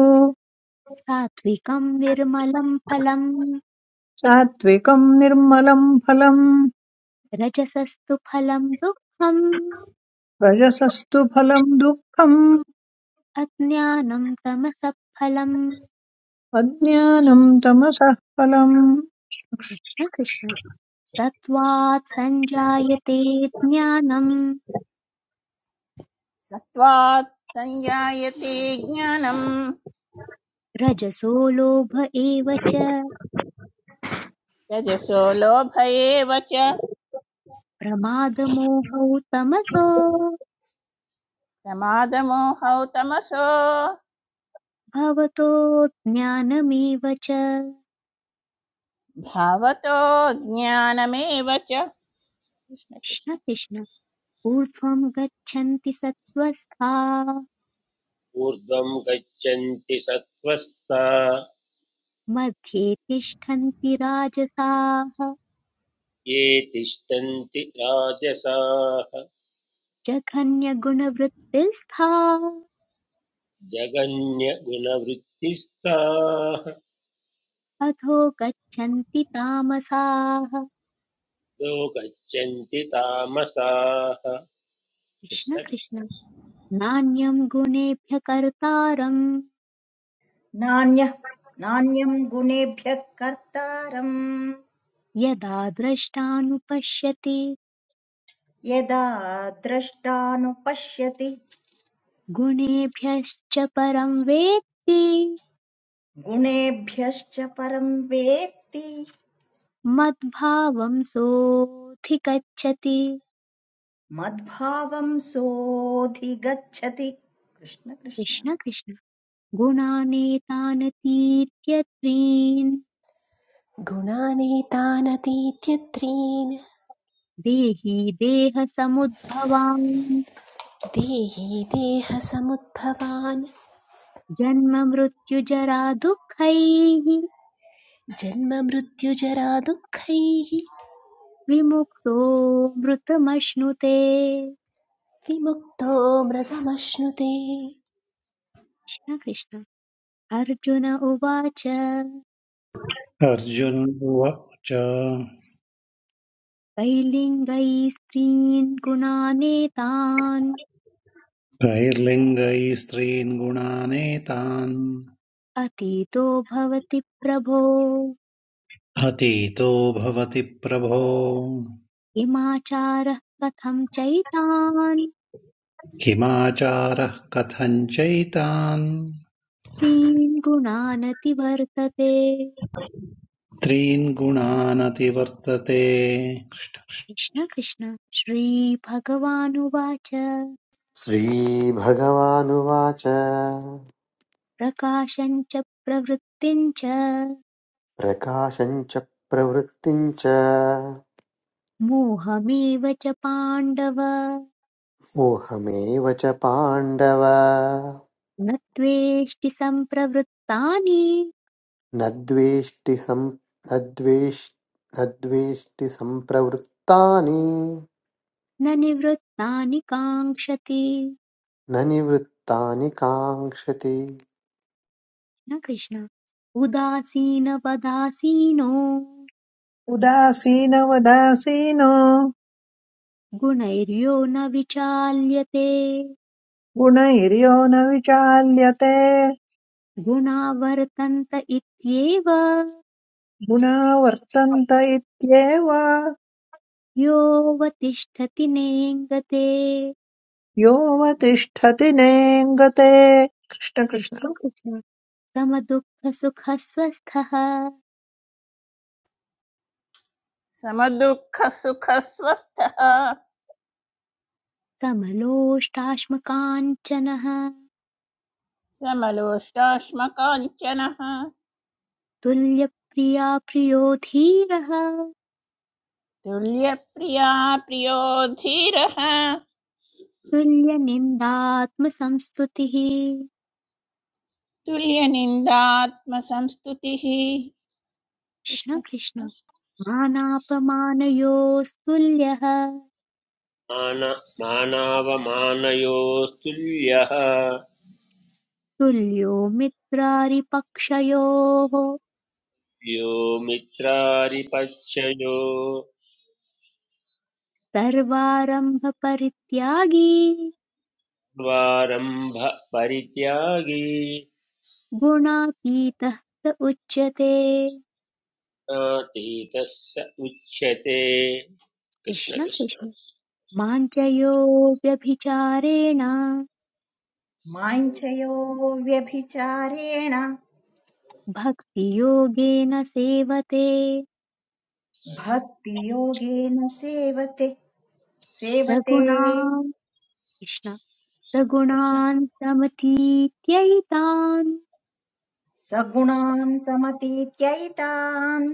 Speaker 1: सात्विकं निर्मलं फलम्
Speaker 4: सात्विकं निर्मलं फलम्
Speaker 1: रजसस्तु फलं दुःखम्
Speaker 4: रजसस्तु फलं दुःखम्
Speaker 1: अज्ञानं तमसः फलम्
Speaker 4: अज्ञानं तमसः फलम्
Speaker 1: कृष्ण कृष्ण सत्त्वात् सञ्जायते ज्ञानम्
Speaker 5: सत्त्वात् संजायते ज्ञानं
Speaker 1: रजसो लोभ एव च
Speaker 5: रजसो लोभ एव च
Speaker 1: प्रमादमोहौ तमसो
Speaker 5: प्रमादमोहौ तमसो
Speaker 1: भवतो ज्ञानमेव च
Speaker 5: भावतो ज्ञानमेव च कृष्ण
Speaker 1: कृष्ण
Speaker 5: कृष्ण
Speaker 1: कृष्ण ऊर्ध्वं गच्छन्ति सत्त्वस्ताः
Speaker 6: ऊर्ध्वं गच्छन्ति सत्त्वस्ता
Speaker 1: मध्ये तिष्ठन्ति राजसाः
Speaker 6: ये तिष्ठन्ति राजसाः
Speaker 1: जघन्यगुणवृत्तिस्थाः
Speaker 6: जगन्यगुणवृत्तिस्ताः
Speaker 1: अधो गच्छन्ति तामसाः
Speaker 6: यो गच्छन्ति तामसाः
Speaker 1: कृष्ण
Speaker 6: कृष्ण कृष्ण
Speaker 1: कृष्ण नान्यं गुणेभ्य कर्तारम्
Speaker 3: नान्यः नान्यं गुणेभ्यः कर्तारम्
Speaker 1: यदा द्रष्टानुपश्यति
Speaker 3: यदा द्रष्टानुपश्यति
Speaker 1: गुणेभ्यश्च परं वेत्ति
Speaker 3: गुणेभ्यश्च परं वेत्ति
Speaker 1: मद्भावं सोऽधिगच्छति
Speaker 3: मद्भावं सोऽधिगच्छति कृष्ण कृष्ण
Speaker 1: कृष्ण कृष्ण गुणानेतानतीत्यत्रीन्
Speaker 8: गुणानेतानतीत्यत्रीन्
Speaker 1: देहि देहसमुद्भवान्
Speaker 8: देहि देहसमुद्भवान्
Speaker 1: जन्ममृत्युजरा दुःखैः
Speaker 8: जन्ममृत्युजरादुःखैः
Speaker 1: विमुक्तो मृतमश्नुते
Speaker 8: विमुक्तो मृतमश्नुते
Speaker 1: कृष्ण कृष्ण अर्जुन उवाच
Speaker 7: अर्जुन उवाच
Speaker 1: कैलिङ्गैः स्त्रीन् गुणानेतान्
Speaker 7: त्रैर्लिङ्गैः स्त्रीन् गुणानेतान्
Speaker 1: अतीतो भवति प्रभो
Speaker 7: अतीतो भवति प्रभो
Speaker 1: किमाचारः कथं चैतान्
Speaker 7: किमाचारः कथञ्चैतान्
Speaker 1: स्त्रीन् गुणानति
Speaker 7: त्रीन् गुणानतिवर्तते
Speaker 1: कृष्ण कृष्ण श्रीभगवानुवाच
Speaker 2: श्रीभगवानुवाच
Speaker 1: प्रकाशम् च प्रवृत्तिम् च
Speaker 2: प्रकाशं च प्रवृत्तिं च
Speaker 1: मोहमेव च पाण्डव
Speaker 2: मोहमेव च पाण्डव
Speaker 1: न त्वेष्टि सम्प्रवृत्तानि
Speaker 2: न द्वेष्टि सं- न द्वेष्- न द्वेष्टि सम्प्रवृत्तानि
Speaker 1: न निवृत्तानि काङ्क्षति
Speaker 2: न निवृत्तानि काङ्क्षति
Speaker 1: न कृष्ण उदासीनवदासीनो
Speaker 4: उदासीनवदासीनो
Speaker 1: गुणैर्यो न विचाल्यते
Speaker 4: गुणैर्यो न विचाल्यते
Speaker 1: गुणा वर्तन्त इत्येव
Speaker 4: गुणा वर्तन्त इत्येव
Speaker 1: योऽवतिष्ठति नेङ्गते
Speaker 4: योऽवतिष्ठति नेङ्गते कृष्ण कृष्ण
Speaker 1: कृष्णकृष्ण समदुःखसुखस्वस्थः
Speaker 5: समदुःखसुखस्वस्थः
Speaker 1: समलोष्टाश्मकाञ्चनः
Speaker 5: समलोष्टाश्मकाञ्चनः
Speaker 1: तुल्यप्रिया प्रियो धीरः
Speaker 5: तुल्यप्रिया प्रियो धीरः
Speaker 1: तुल्यनिन्दात्मसंस्तुतिः
Speaker 5: तुल्यनिन्दात्मसंस्तुतिः
Speaker 1: कृष्ण
Speaker 5: कृष्ण
Speaker 1: कृष्ण
Speaker 5: कृष्ण
Speaker 1: मानापमानयोस्तुल्यः
Speaker 6: मान- मानावमानयोस्तुल्यः
Speaker 1: तुल्यो मित्रारिपक्षयोः
Speaker 6: यो मित्रारिपक्षयो
Speaker 1: सर्वारम्भपरित्यागी
Speaker 6: द्वारम्भ परित्यागी
Speaker 1: गुणातीतः स उच्यते
Speaker 6: नातीतस्य उच्यते कृष्ण
Speaker 1: कृष्ण
Speaker 6: कृष्ण
Speaker 1: कृष्ण माञ्चयो व्यभिचारेण
Speaker 3: मां च व्यभिचारेण
Speaker 1: भक्तियोगेन सेवते
Speaker 3: भक्तियोगेन सेवते सेवते
Speaker 1: रघुणान् कृष्ण
Speaker 3: कृष्ण
Speaker 1: रघुणान् समतीत्यैतान्
Speaker 3: सगुणान् समतीत्यैतान्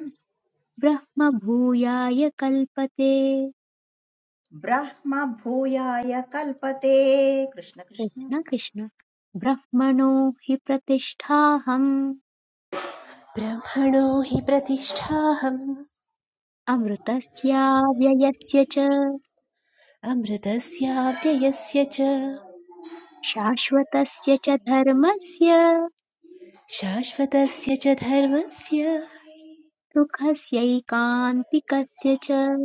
Speaker 1: ब्रह्मभूयाय कल्पते
Speaker 3: ब्रह्म भूयाय कल्पते कृष्ण कृष्ण
Speaker 1: कृष्ण कृष्ण ब्रह्मणो हि प्रतिष्ठाहम्
Speaker 8: ब्रह्मणो हि प्रतिष्ठाहम्
Speaker 1: अमृतस्याव्ययस्य च
Speaker 8: अमृतस्याव्ययस्य च
Speaker 1: शाश्वतस्य च धर्मस्य
Speaker 8: शाश्वतस्य च धर्मस्य
Speaker 1: सुखस्यैकान्तिकस्य च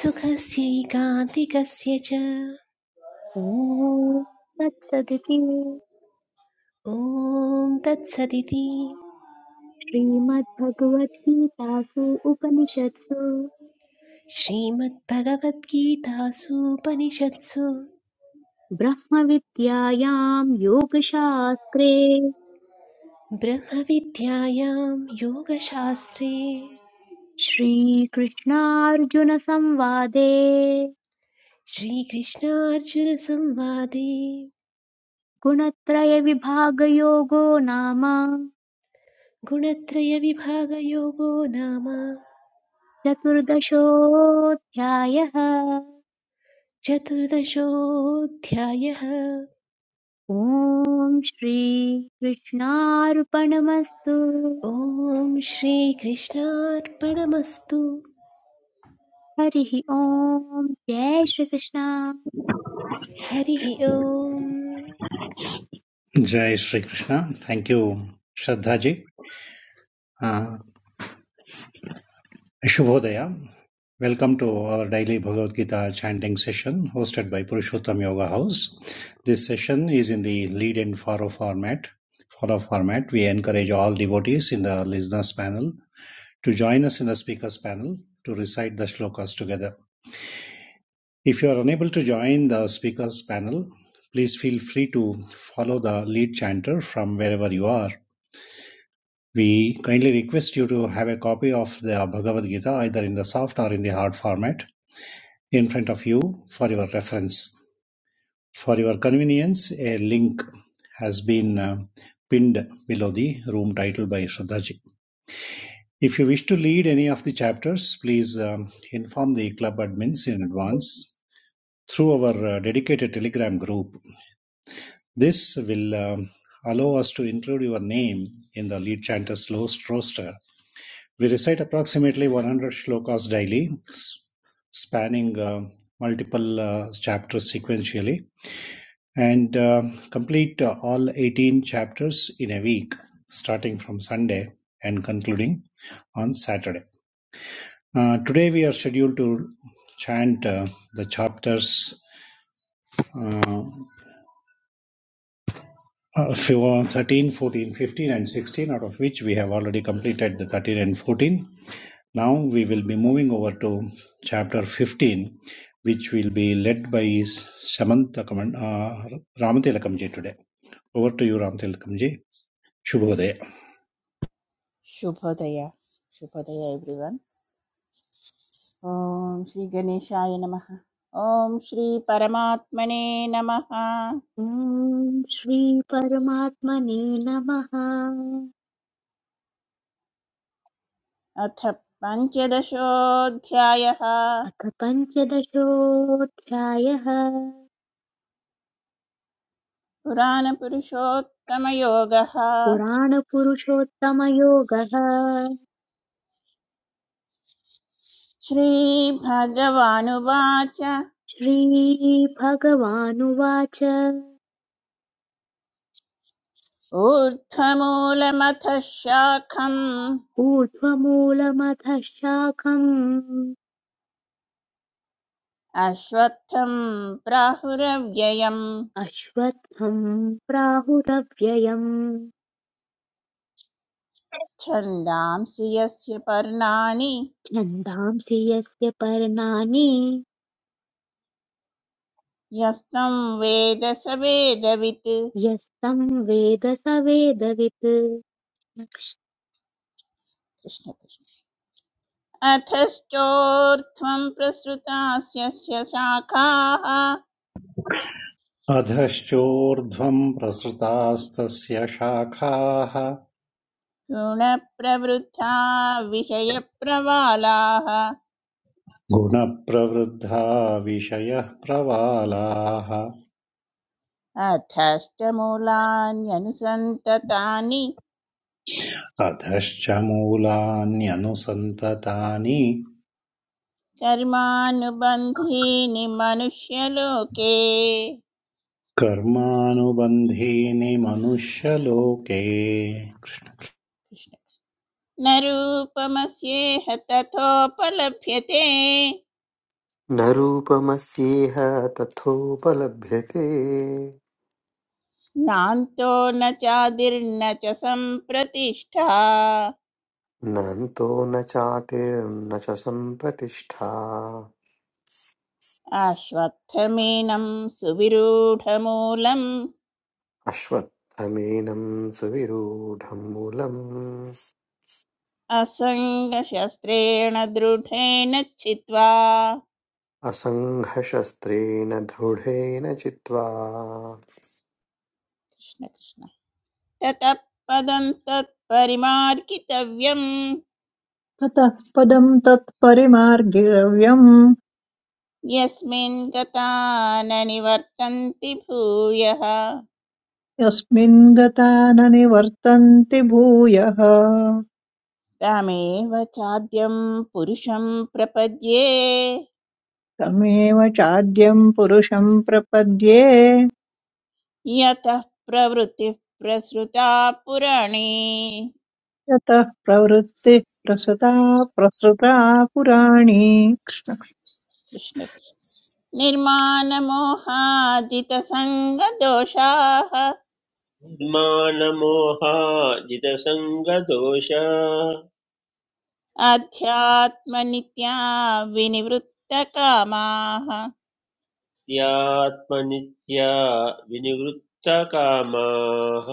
Speaker 8: सुखस्यैकान्तिकस्य च
Speaker 1: ॐ तत्सदिति
Speaker 8: ॐ तत्सदिति
Speaker 1: श्रीमद्भगवद्गीतासु उपनिषत्सु
Speaker 8: श्रीमद्भगवद्गीतासूपनिषत्सु
Speaker 1: ब्रह्मविद्यायां योगशास्त्रे
Speaker 8: ब्रह्मविद्यायां योगशास्त्रे
Speaker 1: श्रीकृष्णार्जुनसंवादे
Speaker 8: श्रीकृष्णार्जुनसंवादे
Speaker 1: गुणत्रयविभागयोगो नाम
Speaker 8: गुणत्रयविभागयोगो नाम
Speaker 1: चतुर्दशोऽध्यायः
Speaker 8: चतुर्दशोऽध्यायः
Speaker 1: ॐ श्रीकृष्णार्पणमस्तु
Speaker 8: ॐ श्रीकृष्णार्पणमस्तु
Speaker 1: हरिः ॐ जय श्रीकृष्ण
Speaker 8: हरिः ॐ
Speaker 7: जय श्री कृष्णा थैंक यू श्रद्धा जी शुभोदया Welcome to our daily Bhagavad Gita chanting session hosted by Purushottam Yoga House. This session is in the lead and follow format. Follow format. We encourage all devotees in the listeners panel to join us in the speakers panel to recite the shlokas together If you are unable to join the speakers panel, please feel free to follow the lead chanter from wherever you are. We kindly request you to have a copy of the Bhagavad Gita either in the soft or in the hard format in front of you for your reference. For your convenience, a link has been uh, pinned below the room title by Shraddhaji. If you wish to lead any of the chapters, please um, inform the club admins in advance through our uh, dedicated Telegram group This will um, allow us to include your name in the lead chanter's roast- roster. We recite approximately 100 shlokas daily, spanning uh, multiple uh, chapters sequentially, and uh, complete uh, all 18 chapters in a week, starting from Sunday and concluding on Saturday. Uh, today, we are scheduled to chant uh, the chapters. uh, Uh, few- uh, 13, 14, 15, and 16, out of which we have already completed the 13 and 14. Now we will be moving over to chapter 15, which will be led by Samantha Kaman- uh, Ramathilakamji today. Over to you, Ramathilakamji. Shubhodaya.
Speaker 5: शुभोदय शुभोदय everyone ॐ श्री गणेशाय नमः ॐ श्री परमात्मने नमः
Speaker 1: ॐ श्रीपरमात्मने नमः
Speaker 5: अथ पञ्चदशोऽध्यायः
Speaker 1: अथ पञ्चदशोऽध्यायः
Speaker 5: पुराणपुरुषोत्तमयोगः
Speaker 1: पुराणपुरुषोत्तमयोगः
Speaker 5: श्रीभगवानुवाच
Speaker 1: श्रीभगवानुवाच
Speaker 5: ऊर्ध्वमूलमथ शाखम्
Speaker 1: ऊर्ध्वमूलमथ शाखम्
Speaker 5: अश्वत्थं प्राहुरव्ययम्
Speaker 1: अश्वत्थम् प्राहुरव्ययम्
Speaker 5: छन्दांसि यस्य पर्णानि
Speaker 1: छन्दांसि यस्य पर्णानि
Speaker 5: यस्तं वेद स वेदवित्
Speaker 1: यस्तं वेद स वेदवित्
Speaker 5: कृष्ण कृष्ण अथश्चोर्ध्वं प्रसृतास्य शाखाः
Speaker 7: अधश्चोर्ध्वम् प्रसृतास्तस्य शाखाः
Speaker 5: गुणप्रवृद्धा विषयप्रवालाः
Speaker 7: गुणप्रवृद्धा विषयः प्रवालाः
Speaker 5: अथश्च मूलान्यनुसन्ततानि
Speaker 7: अधश्च santatani.
Speaker 5: कर्मानुबन्धीनि मनुष्यलोके
Speaker 7: कर्मानुबन्धेने मनुष्यलोके
Speaker 5: कृष्ण कृष्ण। न रूपमस्येह तथोपलभ्यते
Speaker 2: न रूपमस्येह तथोपलभ्यते
Speaker 5: नान्तो न चादिर्न च सम्प्रतिष्ठा
Speaker 2: नन्तो न चातिर्न च सम्प्रतिष्ठा
Speaker 5: आश्वत्थमीनं सुविरूढमूलम्
Speaker 2: अश्वत्थमेनं सुविरूढं मूलम्
Speaker 5: असङ्गशस्त्रेण दृढेन छित्त्वा
Speaker 2: असङ्घशस्त्रेण दृढेन चित्वा
Speaker 5: कृष्ण कृष्ण ततः पदं तत्परिमार्गितव्यं
Speaker 4: ततः पदं तत्परिमार्गिरव्यम्
Speaker 5: यस्मिन् गता न निवर्तन्ति भूयः
Speaker 4: यस्मिन् गता न निवर्तन्ति भूयः
Speaker 5: तमेव चाद्यं पुरुषं प्रपद्ये
Speaker 4: तमेव चाद्यं पुरुषं प्रपद्ये
Speaker 5: यतः प्रवृत्तिः प्रसृता पुराणे
Speaker 4: यतः प्रवृत्तिः प्रसृता प्रसृता पुराणी कृष्ण
Speaker 5: कृष्णकृष्ण निर्माणमोहादितसङ्गदोषाः
Speaker 6: मानमोहाजितसङ्गदोष
Speaker 5: आध्यात्मनित्या विनिवृत्तकामाः
Speaker 6: यात्मनित्या विनिवृत्तकामाः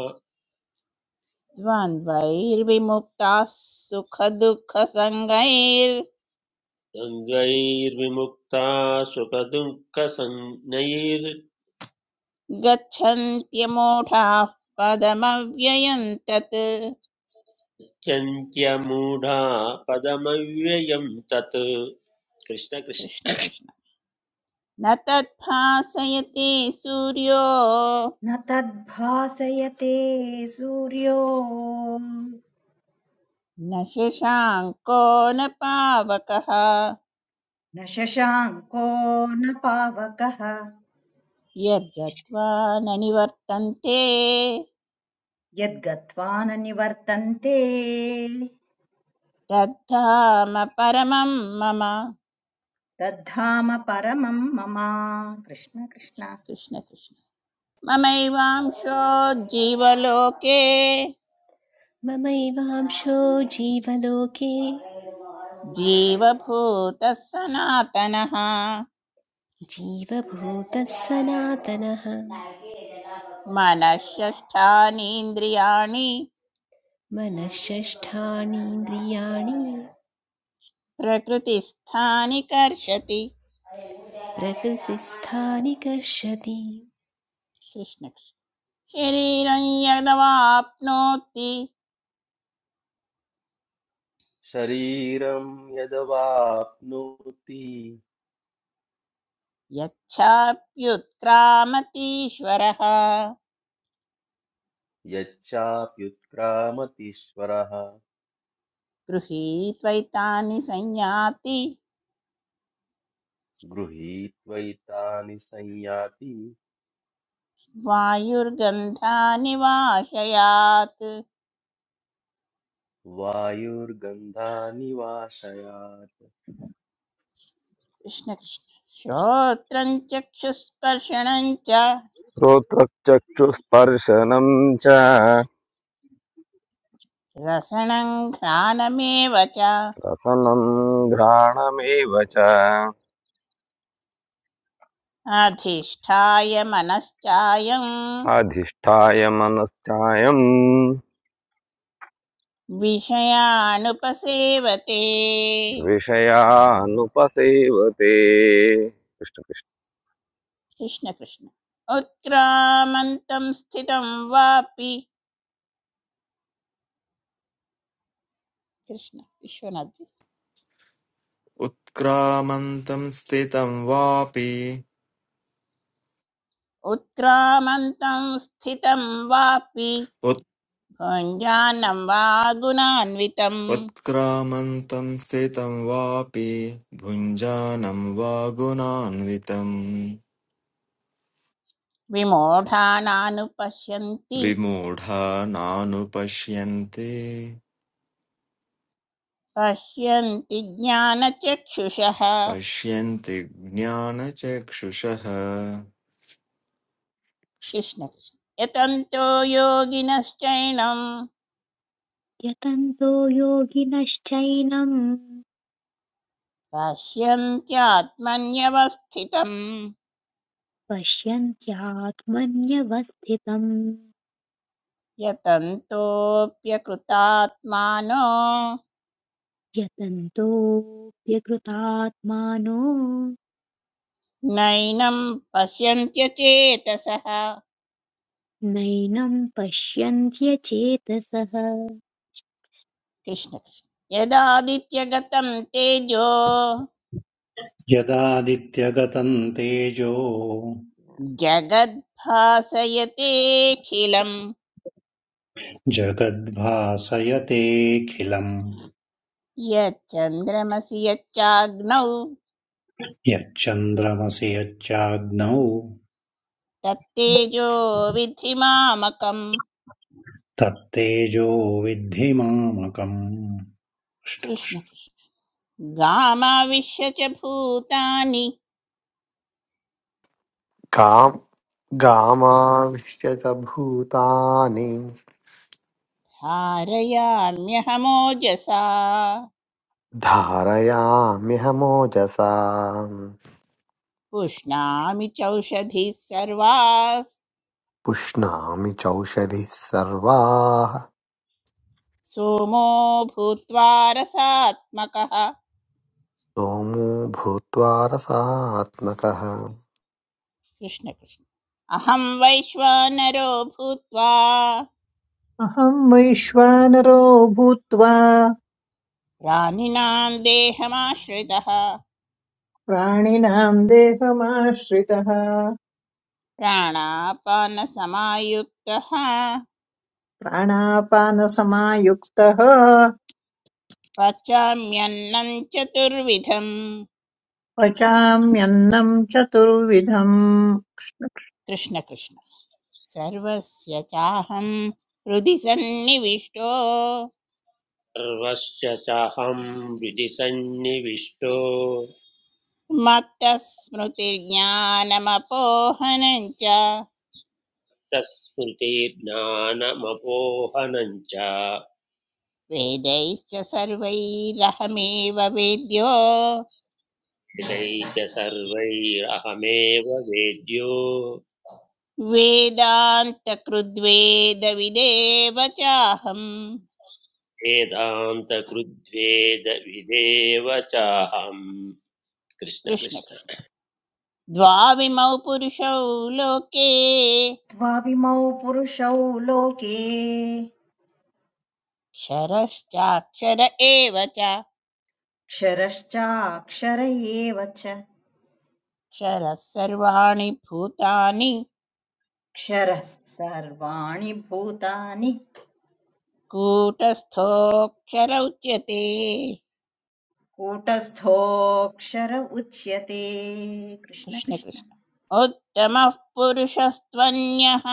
Speaker 5: द्वन्द्वैर्विमुक्ताः सुखदुःखसङ्गैर्गच्छन्त्यमूढाः
Speaker 6: द्वन्द्वैर्विमुक्ता सुखदुःखसंज्ञैर्
Speaker 5: पदमव्ययं तत्
Speaker 6: यन्त्यमूढा पदमव्ययम् तत् कृष्णकृष्ण
Speaker 5: कृष्णकृष्ण न तद्भासयते सूर्यो
Speaker 3: न तद्भासयते सूर्यो
Speaker 5: न शशाङ्को न पावकः
Speaker 3: न शशाङ्को न पावकः
Speaker 5: यद्गत्वा न निवर्तन्ते
Speaker 3: यद्गत्वा न निवर्तन्ते
Speaker 5: तद्धाम परमं मम
Speaker 3: तद्धाम परमं मम कृष्ण कृष्ण
Speaker 5: कृष्ण कृष्ण ममैवांशो जीवलोके
Speaker 8: ममैवांशो जीवलोके
Speaker 5: जीवभूतः सनातनः
Speaker 8: जीवभूतः सनातनः
Speaker 5: मनःषष्ठानीन्द्रियाणि
Speaker 8: मनःषष्ठानीन्द्रियाणि
Speaker 5: प्रकृतिस्थानि कर्षति
Speaker 8: प्रकृतिस्थानि
Speaker 5: कृष्ण कृष्ण शरीरं यदवाप्नोति
Speaker 9: शरीरं यदवाप्नोति
Speaker 5: यच्छाप्युत्क्रामतीश्वरः
Speaker 9: यच्चाप्युत्क्रामतीश्वरः
Speaker 5: गृहीत्वैतानि संयाति
Speaker 9: गृहीत्वैतानि संयाति
Speaker 5: वायुर्गन्धानि वाशयात्
Speaker 9: वायुर्गन्धानि वाशयात्
Speaker 5: कृष्णकृष्ण श्रोत्रं चक्षुस्पर्शनं च
Speaker 10: श्रोत्रचक्षुस्पर्शनं च
Speaker 5: रसनं घ्राणमेव च
Speaker 10: रसनं घ्राणमेव च
Speaker 5: अधिष्ठाय मनश्चायं
Speaker 10: अधिष्ठाय मनश्चायं
Speaker 5: विषयानुपसेवते
Speaker 10: विषयानुपसेवते कृष्ण कृष्ण।
Speaker 5: कृष्णकृष्ण उत्क्रामन्तं स्थितं वापि कृष्ण विश्वनाथ जी
Speaker 11: उत्क्रामन्तं स्थितं वापि
Speaker 5: उत्क्रामन्तं स्थितं वापि
Speaker 11: उत्
Speaker 5: भुञ्जानं वा गुणान्वितं
Speaker 11: उत्क्रामन्तं स्थितं वापि भुञ्जानं वा गुणान्वितम्
Speaker 5: विमूढानानुपश्यन्ति
Speaker 11: विमूढा नानुपश्यन्ते
Speaker 5: पश्यन्ति ज्ञानचक्षुषः
Speaker 11: पश्यन्ति ज्ञानचक्षुषः
Speaker 5: कृष्ण कृष्ण यतन्तो योगिनश्चैनं
Speaker 1: यतन्तो योगिनश्चैनं
Speaker 5: पश्यन्त्यात्मन्यवस्थितं
Speaker 1: पश्यन्त्यात्मन्यवस्थितम्
Speaker 5: यतन्तोऽप्यकृतात्मानो
Speaker 1: यतन्तोऽप्यकृतात्मानो
Speaker 5: नैनं पश्यन्त्यचेतसः
Speaker 1: नैनं पश्यन्त्यचेतसः
Speaker 5: कृष्ण कृष्ण यदादित्यगतं तेजो
Speaker 7: यदादित्यगतम् तेजो
Speaker 5: जगद्भासयतेऽखिलम्
Speaker 7: जगद्भासयतेऽखिलम्
Speaker 5: यच्चन्द्रमसि यच्चाग्नौ
Speaker 7: यच्चन्द्रमसि यच्चाग्नौ
Speaker 5: तत्तेजो विधि मामकम्
Speaker 7: तत्तेजो विद्धि मामकम्
Speaker 5: कृष्ण कृष्ण गामाविश्य च भूतानि
Speaker 2: काम गामाविष्यतभूतानि
Speaker 5: धारयाम्यहमोजसा
Speaker 2: धारयाम्यहमोजसा
Speaker 5: पुष्णामि चौषधिः सर्वाः
Speaker 2: पुष्णामि चौषधिः सर्वाः
Speaker 5: सोमो भूत्वा रसात्मकः
Speaker 2: सोमो भूत्वा रसात्मकः
Speaker 5: कृष्ण कृष्ण अहं वैश्वानरो भूत्वा
Speaker 4: अहं वैश्वानरो भूत्वा
Speaker 5: प्राणिनां देहमाश्रितः
Speaker 4: प्राणिनां देहमाश्रितः
Speaker 5: प्राणापानसमायुक्तः
Speaker 4: प्राणापानसमायुक्तः
Speaker 5: पचाम्यन्नं चतुर्विधम्
Speaker 4: पचाम्यन्नं चतुर्विधम्
Speaker 5: कृष्ण कृष्ण सर्वस्य चाहं हृदि सन्निविष्टो
Speaker 6: सर्वश्च चाहम् हृदि सन्निविष्टो
Speaker 5: मत्तः स्मृतिर्ज्ञानमपोहनञ्च
Speaker 6: तत्स्मृतिर्ज्ञानमपोहनम् च
Speaker 5: वेदैश्च सर्वैरहमेव वेद्यो
Speaker 6: एतैः च सर्वैरहमेव वेद्यो
Speaker 5: वेदान्तकृद्वेदविदेव चाहम्
Speaker 6: वेदान्तकृद्वेदविदेव चाहम्
Speaker 5: कृष्ण
Speaker 6: कृष्णकृष्ण
Speaker 5: कृष्ण द्वाविमौ पुरुषौ लोके
Speaker 3: द्वाविमौ पुरुषौ लोके
Speaker 5: क्षरश्चाक्षर एव च
Speaker 3: क्षरश्चाक्षर एव च
Speaker 5: क्षरः सर्वाणि भूतानि
Speaker 3: क्षरः सर्वाणि भूतानि
Speaker 5: कूटस्थोऽक्षर उच्यते
Speaker 3: कूटस्थोऽक्षर उच्यते कृष्ण
Speaker 5: कृष्ण
Speaker 3: कृष्ण
Speaker 5: कृष्ण उत्तमः पुरुषस्त्वन्यः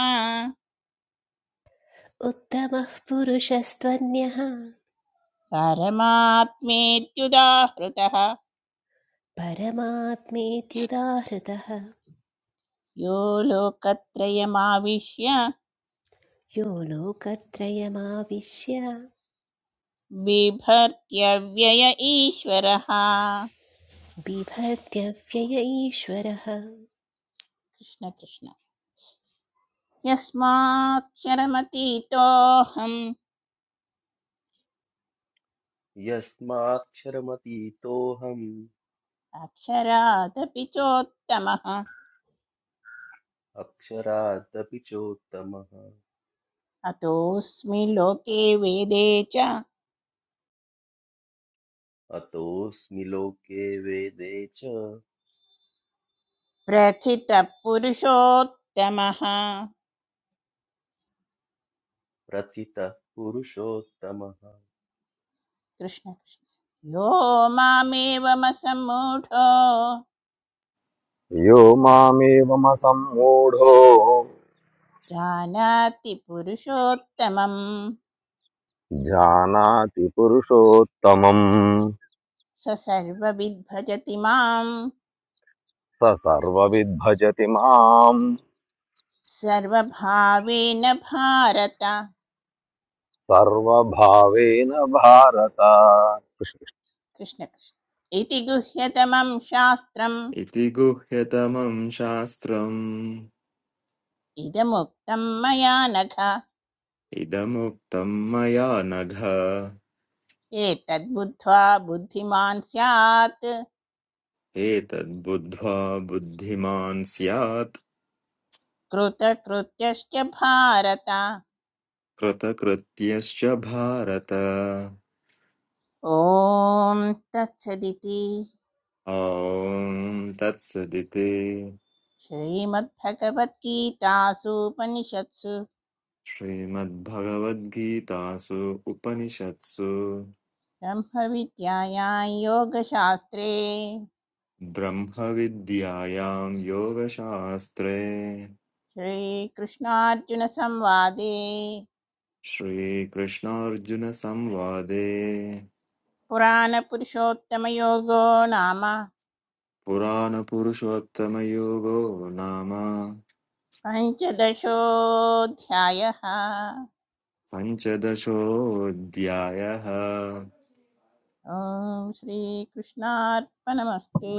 Speaker 8: उत्तमः पुरुषस्त्वन्यः
Speaker 5: परमात्मेत्युदाहृतः
Speaker 8: परमात्मेत्युदाहृतः
Speaker 5: यो लोकत्रयमाविश्य
Speaker 8: यो लोकत्रयमाविश्य
Speaker 5: बिभर्त्यव्यय ईश्वरः कृष्ण
Speaker 8: बिभर्त्यव्यय ईश्वरः
Speaker 5: कृष्ण यस्माक्षरमतीतोऽहम्
Speaker 9: यस्माक्षरमतीतोऽहम्
Speaker 5: अक्षरादपि चोत्तमः
Speaker 9: अक्षरादपि चोत्तमः
Speaker 5: अतोऽस्मि लोके वेदे च
Speaker 9: अतोऽस्मि लोके वेदे च
Speaker 5: प्रथितः पुरुषोत्तमः
Speaker 9: प्रथितः पुरुषोत्तमः
Speaker 5: कृष्ण कृष्ण यो मामेवमसम्मूढो
Speaker 10: यो मामेवमसम्मूढो
Speaker 5: जानाति पुरुषोत्तमम्
Speaker 10: जानाति पुरुषोत्तमम्
Speaker 5: स सर्वविद्भजति माम्
Speaker 10: स सर्वविद्भजति माम्
Speaker 5: सर्वभावेन भारत
Speaker 10: सर्वभावेन भारत कृष्ण कृष्ण।
Speaker 5: कृष्ण कृष्ण इति गुह्यतमं शास्त्रम्
Speaker 11: इति गुह्यतमं शास्त्रम्
Speaker 5: इदमुक्तं मया नघ
Speaker 11: इदमुक्तं मया नघ
Speaker 5: एतद्बुद्ध्वा बुद्धिमान् स्यात्
Speaker 11: एतद्बुद्ध्वा बुद्धिमान् स्यात्
Speaker 5: कृतकृत्यश्च भारत
Speaker 11: कृतकृत्यश्च भारत
Speaker 5: ॐ तत्सदिति
Speaker 11: ॐ तत्सदिति
Speaker 5: श्रीमद्भगवद्गीतासूपनिषत्सु
Speaker 11: श्रीमद्भगवद्गीतासु उपनिषत्सु
Speaker 5: ब्रह्मविद्यायां योगशास्त्रे
Speaker 11: ब्रह्मविद्यायां योगशास्त्रे
Speaker 5: श्रीकृष्णार्जुनसंवादे
Speaker 11: श्रीकृष्णार्जुनसंवादे
Speaker 5: पुराणपुरुषोत्तमयोगो नाम
Speaker 11: पुराणपुरुषोत्तमयोगो नाम
Speaker 5: पञ्चदशोऽध्यायः
Speaker 11: पञ्चदशोऽध्यायः
Speaker 5: ॐ श्रीकृष्णार्पणमस्तु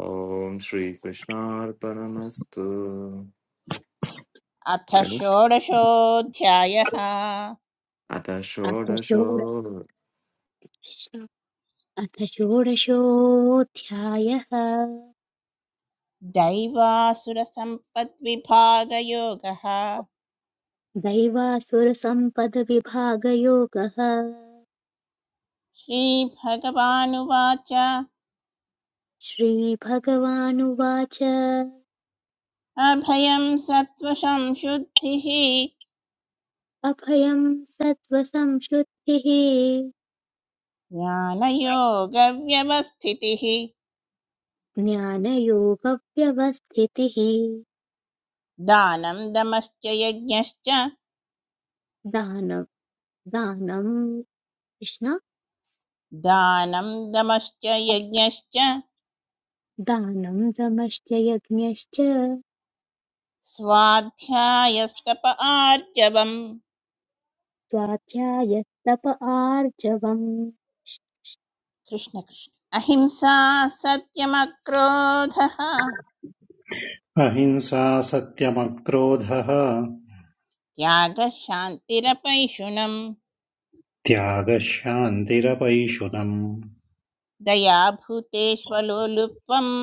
Speaker 11: ॐ श्रीकृष्णार्पणमस्तु
Speaker 5: अथ
Speaker 11: जय
Speaker 5: षोडशोऽध्यायः
Speaker 11: अथ
Speaker 1: अथ
Speaker 11: षोडशो
Speaker 1: षोडश अथ षोडशोऽध्यायः
Speaker 5: दैवासुरसम्पद्विभागयोगः
Speaker 1: दैवासुरसम्पदविभागयोगः
Speaker 5: श्रीभगवानुवाच
Speaker 1: श्रीभगवानुवाच
Speaker 5: अभयं सत्त्वसंशुद्धिः
Speaker 1: अभयं सत्त्वसंशुद्धिः
Speaker 5: ज्ञानयोगव्यवस्थितिः
Speaker 1: ज्ञानयोगव्यवस्थितिः
Speaker 5: दानं दमश्च यज्ञश्च
Speaker 1: दानं दानं कृष्ण
Speaker 5: दानं दमश्च यज्ञश्च
Speaker 1: दानं दमश्च यज्ञश्च
Speaker 5: स्वाध्यायस्तप आर्जवम्
Speaker 1: स्वाध्यायस्तप आर्जवम्
Speaker 5: कृष्ण कृष्ण अहिंसा सत्यमक्रोधः
Speaker 7: अहिंसा सत्यमक्रोधः
Speaker 5: त्यागः शान्तिरपैशुनम्
Speaker 7: त्यागः शान्तिरपैशुनम्
Speaker 5: दया भूतेष्वलोलुप्त्वम्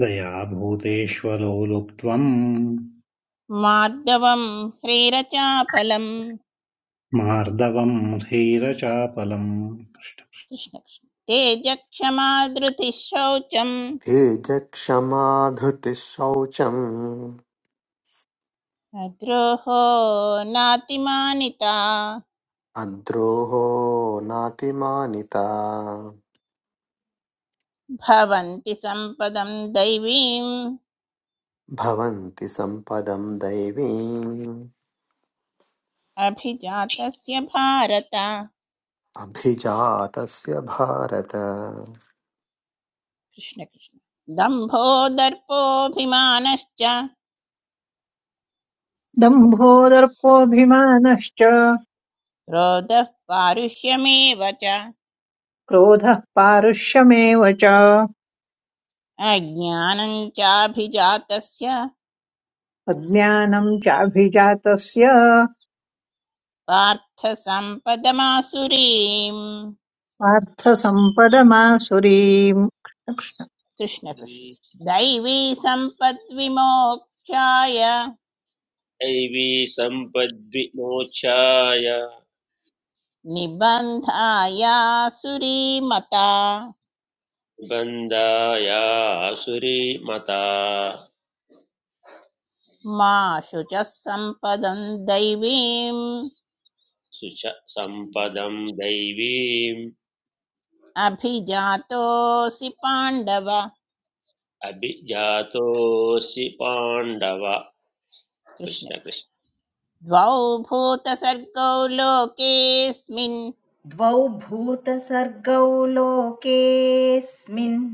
Speaker 7: दया भूतेष्वलो लुप्त्वम्
Speaker 5: मार्दवम् ह्रीरचापलम्
Speaker 7: मार्दवम् धीरचापलम्
Speaker 5: कृष्ण कृष्ण तेजक्षमा धृतिः शौचम्
Speaker 2: तेजक्षमा धृतिः शौचम्
Speaker 5: अद्रोहो नातिमानिता
Speaker 2: अद्रोहो नातिमानिता
Speaker 5: भवन्ति सम्पदं दैवीम्
Speaker 2: भवन्ति सम्पदम् दैवीम्
Speaker 5: अभिजातस्य भारत कृष्ण
Speaker 2: अभिजातस्य भारत
Speaker 5: कृष्ण दम्भो दर्पोऽभिमानश्च
Speaker 4: दम्भो दर्पोऽभिमानश्च
Speaker 5: क्रोधः पारुष्यमेव च
Speaker 4: क्रोधः पारुष्यमेव च
Speaker 5: अज्ञानं चाभिजातस्य
Speaker 4: अज्ञानं चाभिजातस्य
Speaker 5: पार्थ सम्पदमासुरीम्
Speaker 4: पार्थसम्पदमासुरीम्
Speaker 5: कृष्ण कृष्ण दैवी सम्पद्विमोक्षाय
Speaker 6: दैवी सम्पद्विमोक्षाय
Speaker 5: निबन्धायासुरीमता
Speaker 6: निबन्धाया आसुरीमता
Speaker 5: मा शुचः सम्पदं दैवीम्
Speaker 6: सुच सम्पदं दैवीम्
Speaker 5: अभिजातोऽसि पाण्डव
Speaker 6: अभिजातोऽसि पाण्डव
Speaker 5: कृष्ण
Speaker 6: कृष्ण
Speaker 5: कृष्ण
Speaker 6: कृष्ण
Speaker 5: द्वौ भूतसर्गौ लोकेऽस्मिन्
Speaker 3: द्वौ भूतसर्गौ लोकेऽस्मिन्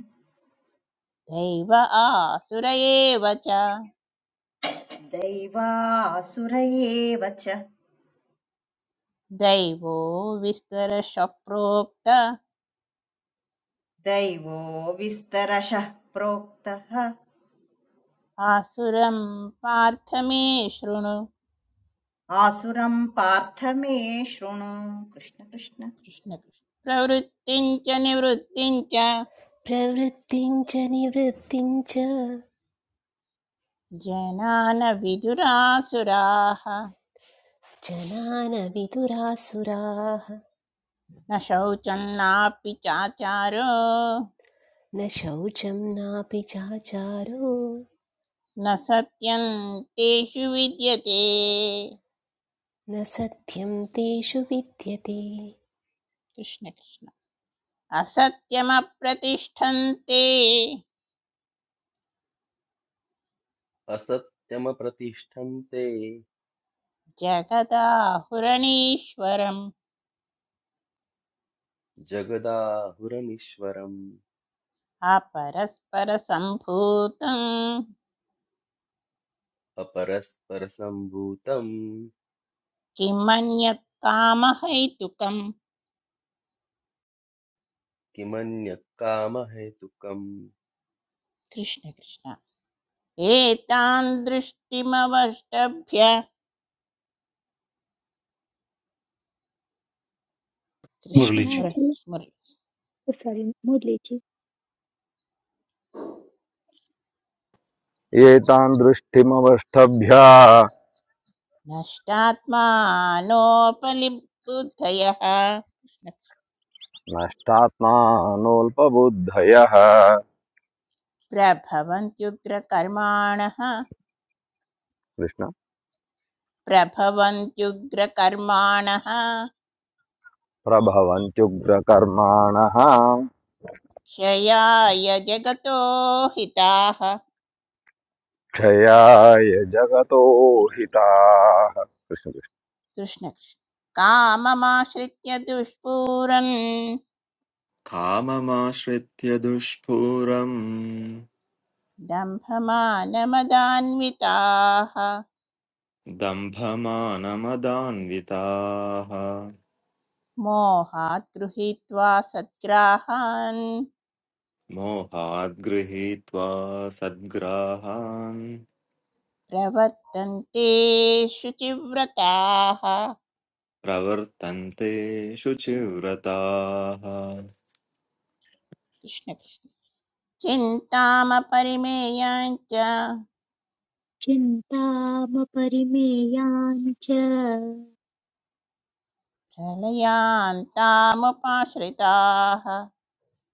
Speaker 5: दैव आसुर एव च
Speaker 3: दैवासुर एव च
Speaker 5: दैवो विस्तरशः प्रोक्त
Speaker 3: दैवो विस्तरशः प्रोक्तः
Speaker 5: आसुरं पार्थ मे शृणु
Speaker 3: आसुरं पार्थ मे शृणु कृष्ण कृष्ण
Speaker 5: कृष्ण कृष्ण प्रवृत्तिं च निवृत्तिं च
Speaker 8: प्रवृत्तिं च निवृत्तिं च
Speaker 5: जनान विदुरासुराः
Speaker 8: जनान विदुरासुराः
Speaker 5: न शौचं नापि चाचारो
Speaker 8: न शौचं नापि चाचारो
Speaker 5: न सत्यं तेषु विद्यते
Speaker 8: न सत्यं तेषु विद्यते
Speaker 5: कृष्ण कृष्ण असत्यमप्रतिष्ठन्ते
Speaker 9: असत्यमप्रतिष्ठन्ते
Speaker 5: जगदाहुरणीश्वरम्
Speaker 9: जगदाहुरनीश्वरम्
Speaker 5: अपरस्परसम्भूतं
Speaker 9: अपरस्परसम्भूतम्
Speaker 5: किं मन्यत् कामहैतुकम्
Speaker 9: किमन्यः कामहेतुकम्
Speaker 5: कृष्ण कृष्ण एतान् दृष्टिमवष्टभ्य कृष्ण
Speaker 7: मुरलीजी
Speaker 5: मुरळि
Speaker 1: विश्वनाथी
Speaker 5: मुरळि
Speaker 1: सॉरी मुरलीजी
Speaker 10: एतान् दृष्टिमवष्टभ्या
Speaker 5: नष्टात्मानोपलिबुद्धयः
Speaker 10: नष्टात्मानोऽल्पबुद्धयः
Speaker 5: प्रभवन्त्युग्रकर्माणः
Speaker 10: कृष्ण
Speaker 5: प्रभवन्त्युग्रकर्माणः
Speaker 10: प्रभवन्त्युग्रकर्माणः
Speaker 5: क्षयाय जगतो हिताः
Speaker 10: क्षयाय जगतो हिताः कृष्ण कृष्ण।
Speaker 5: कृष्णकृष्ण काममाश्रित्य दुष्पूरन्
Speaker 11: काममाश्रित्य दुष्पूरम्
Speaker 5: दम्भमानमदान्विताः
Speaker 11: दम्भमानमदान्विताः
Speaker 5: मोहात् गृहीत्वा सद्ग्राहान्
Speaker 11: मोहाद् गृहीत्वा सद्ग्राहान्
Speaker 5: प्रवर्तन्ते शुचिव्रताः
Speaker 11: प्रवर्तन्ते शुचिव्रताः
Speaker 5: कृष्णकृष्ण चिन्तामपरिमेयाञ्च
Speaker 1: चिन्तामपरिमेयान् च
Speaker 5: प्रलयान्तामुपाश्रिताः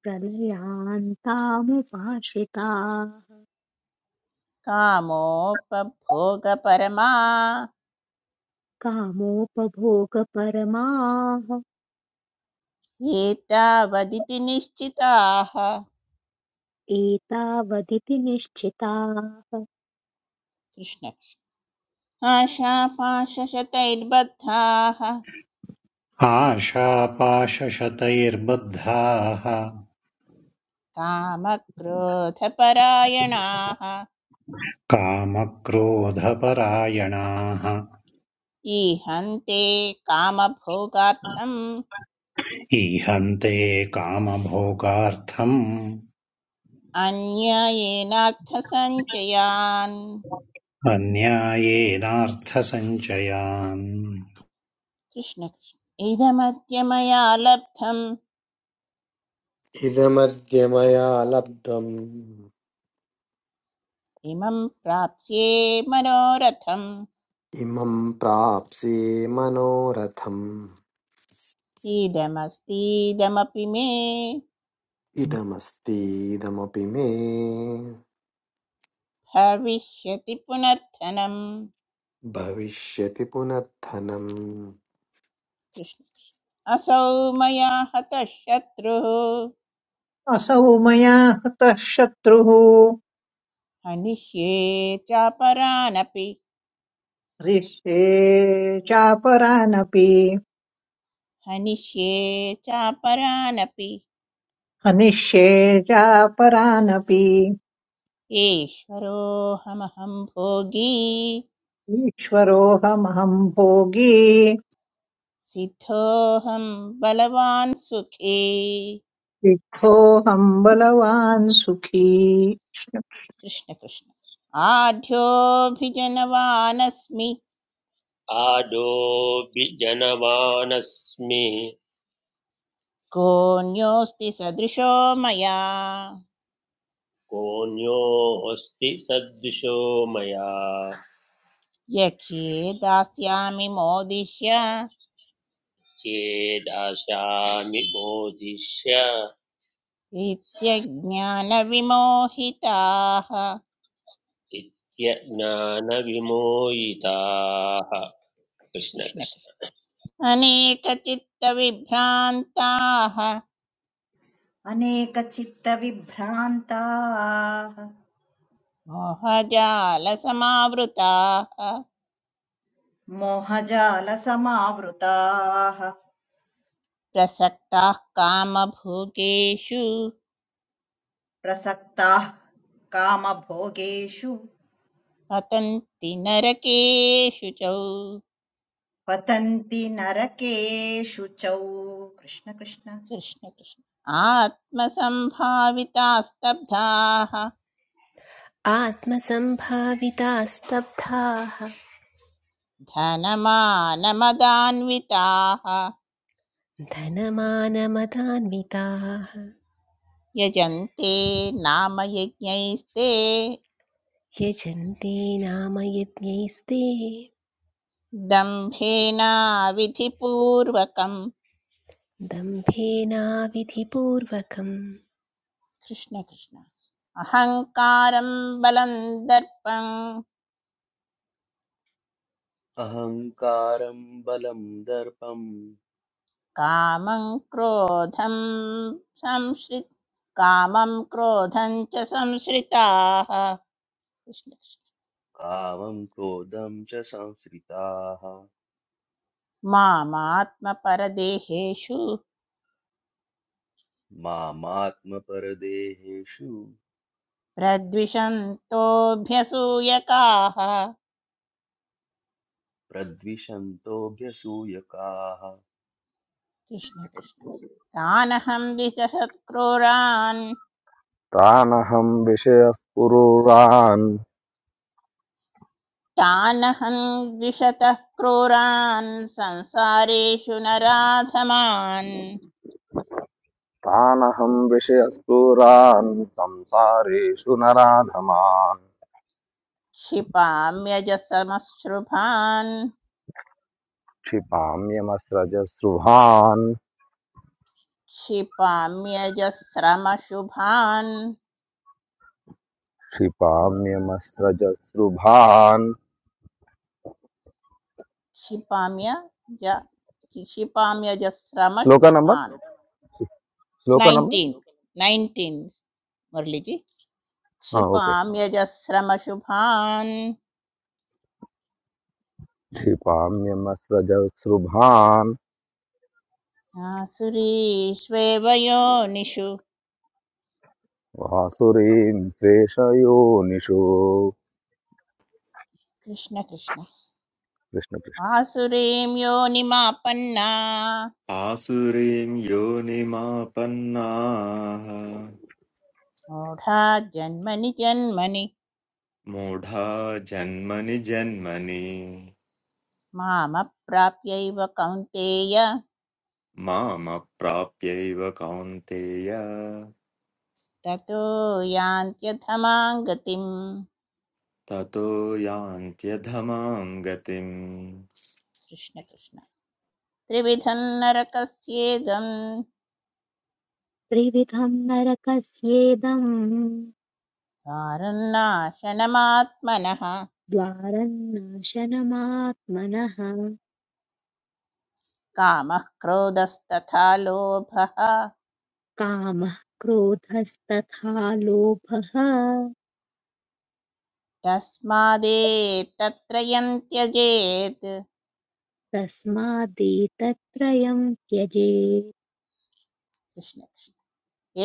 Speaker 1: प्रलयान्तामुपाश्रिताः
Speaker 5: कामोपभोगपरमा
Speaker 1: कामोपभोगपरमाः
Speaker 5: एतावदिति निश्चिताः
Speaker 1: एतावदिति निश्चिताः
Speaker 5: कृष्ण आशापाशशतैर्बद्धाः
Speaker 7: आशापाशशतैर्बद्धाः
Speaker 5: कामक्रोधपरायणाः
Speaker 7: कामक्रोधपरायणाः
Speaker 5: ईहन्ते कामभोगार्थम्
Speaker 7: ईहन्ते कामभोगार्थम्
Speaker 5: अन्यायेनार्थसञ्चयान्
Speaker 7: अन्यायेनार्थसञ्चयान्
Speaker 5: कृष्ण कृष्ण इदमद्य मया लब्धम्
Speaker 2: इदमद्य मया लब्धम्
Speaker 5: इमं प्राप्स्ये मनोरथम्
Speaker 2: इमं प्राप्स्ये मनोरथम्
Speaker 5: इदमस्तीदमपि मे
Speaker 2: इदमस्तीदमपि मे
Speaker 5: भविष्यति पुनर्थनम्
Speaker 2: भविष्यति पुनर्थनम्
Speaker 5: कृष्ण असौ मया हतः शत्रुः
Speaker 4: असौ मया हतः शत्रुः
Speaker 5: हनिष्ये चापरानपि
Speaker 4: हरिष्ये चापरानपि
Speaker 5: हनिष्ये चापरानपि
Speaker 4: हनिष्ये चापरानपि
Speaker 5: ईश्वरोऽहमहं भोगी
Speaker 4: ईश्वरोऽहमहं भोगी
Speaker 5: सिद्धोऽहं बलवान् सुखी
Speaker 4: विद्धोऽहं बलवान् सुखी
Speaker 5: कृष्णकृष्ण आढ्योऽभिजनवानस्मि
Speaker 6: आडोऽभिजनवानस्मि
Speaker 5: कोऽन्योऽस्ति सदृशो मया
Speaker 6: कोऽन्योऽस्ति सदृशो मया
Speaker 5: यखे दास्यामि मोदिह्य
Speaker 6: चेदास्यामि मोदिष्य
Speaker 5: नित्यज्ञानविमोहिताः
Speaker 6: इत्यज्ञानविमोहिताः कृष्ण कृष्ण
Speaker 5: कृष्णकृष्ण अनेकचित्तविभ्रान्ताः
Speaker 3: अनेकचित्तविभ्रान्ताः
Speaker 5: मोहजालसमावृताः
Speaker 3: मोहजालसमावृताः
Speaker 5: प्रसक्ताः कामभोगेषु
Speaker 3: प्रसक्ताः कामभोगेषु
Speaker 5: पतन्ति नरकेषु च
Speaker 3: पतन्ति नरकेषु चौ कृष्ण कृष्ण
Speaker 5: कृष्ण कृष्ण आत्मसम्भावितास्तब्धाः
Speaker 8: आत्मसम्भावितास्तब्धाः
Speaker 5: धनमानमदान्विताः
Speaker 8: धनमानमदान्विताः
Speaker 5: यजन्ते नाम यज्ञैस्ते
Speaker 8: यजन्ते नाम यज्ञैस्ते
Speaker 5: दम्भेन विधिपूर्वकम्
Speaker 8: दम्भेनाविधिपूर्वकम्
Speaker 5: कृष्ण कृष्ण अहङ्कारं बलं दर्पं
Speaker 9: अहङ्कारम् बलम् दर्पम्
Speaker 5: कामं क्रोधं संश्रि कामं क्रोधं च संश्रिताः कृष्ण कृष्ण।
Speaker 9: कामम् क्रोधम् च संश्रिताः
Speaker 5: मामात्मपरदेहेषु
Speaker 9: मामात्मपरदेहेषु
Speaker 5: प्रद्विषन्तोऽभ्यसूयकाः
Speaker 9: प्रद्विषन्तोऽभ्यसूयकाः
Speaker 5: कृष्ण कृष्ण तानहं द्विशतक्रूरान्
Speaker 10: तानहं विषयस्पुरुरान्
Speaker 5: तानहं द्विशतः क्रूरान् संसारेषु नराधमान्
Speaker 10: तानहं विषयस्पुरान् संसारेषु नराधमान्
Speaker 5: क्षिपाम्यजसमश्रुभान्
Speaker 10: क्षिपाम्यमस्रजस्रुभान्
Speaker 5: क्षिपाम्यजस्रमशुभान्
Speaker 10: क्षिपाम्यमस्रजस्रुभान्
Speaker 5: क्षिपाम्य ज
Speaker 10: श्लोक नंबर
Speaker 5: क्षिपाम्यजस्रमशुभान्
Speaker 10: श्लोक नंबर
Speaker 5: नैन्टीन् नैन्टीन् मुरलिजि
Speaker 10: हाँ ओके
Speaker 5: क्षिपां यजस्रमशुभान्
Speaker 10: क्षिपाम्यमस्रजसृभान्
Speaker 5: आसुरीष्वेव योनिषु
Speaker 10: वासुरीं स्वेषयोनिषु
Speaker 5: कृष्ण कृष्ण
Speaker 10: कृष्ण कृष्ण।
Speaker 5: आसुरीं योनिमापन्ना
Speaker 11: आसुरीं योनिमापन्नाः
Speaker 5: मूढा जन्मनि जन्मनि
Speaker 11: मूढा जन्मनि जन्मनि
Speaker 5: मामप्राप्यैव कौन्तेय
Speaker 11: मामप्राप्यैव कौन्तेय
Speaker 5: ततो यान्त्यथमां गतिम्
Speaker 11: ततो यान्त्यधमां गतिम्
Speaker 5: कृष्ण कृष्ण त्रिविधं नरकस्येदं
Speaker 1: त्रिविधम् नरकस्येदम्
Speaker 5: द्वारं नाशनमात्मनः
Speaker 1: द्वारम् नाशनमात्मनः
Speaker 5: कामः क्रोधस्तथा लोभः
Speaker 1: कामः क्रोधस्तथा लोभः
Speaker 5: तस्मादेतत्रयं त्यजेत्
Speaker 1: तस्मादेतत्त्रयम् त्यजेत्
Speaker 5: कृष्ण कृष्ण।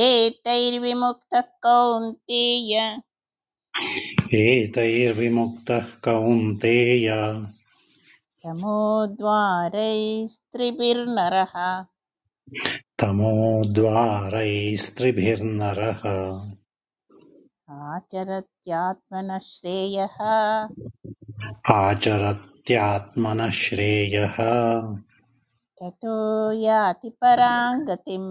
Speaker 5: एतैर्विमुक्तः कौन्तेय
Speaker 7: एतैर्विमुक्तः कौन्तेय
Speaker 5: तमोद्वारैस्त्रिभिर्नरः
Speaker 7: तमोद्वारैस्त्रिभिर्नरः
Speaker 5: आचरत्यात्मनः श्रेयः
Speaker 7: आचरत्यात्मनः श्रेयः
Speaker 5: ततो याति परां गतिम्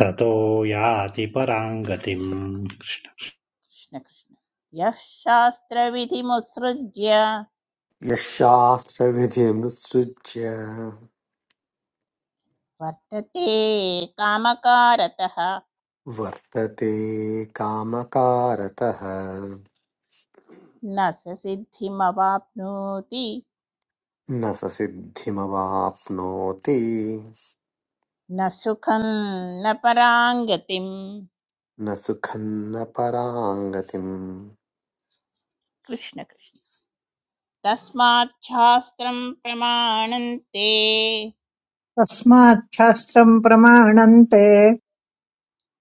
Speaker 7: ततो याति पराम् गतिम्
Speaker 5: कृष्णकृष्ण यः शास्त्रविधिमुत्सृज्य
Speaker 2: यः
Speaker 5: वर्तते कामकारतः
Speaker 2: वर्तते कामकारतः
Speaker 5: न स सिद्धिमवाप्नोति
Speaker 2: न स सिद्धिमवाप्नोति
Speaker 5: न सुखं न पराङ्गतिम्
Speaker 2: न सुखं न पराङ्गतिम्
Speaker 5: कृष्ण कृष्ण तस्मात् शास्त्रं प्रमाणन्ते
Speaker 4: तस्मात् शास्त्रम् प्रमाणन्ते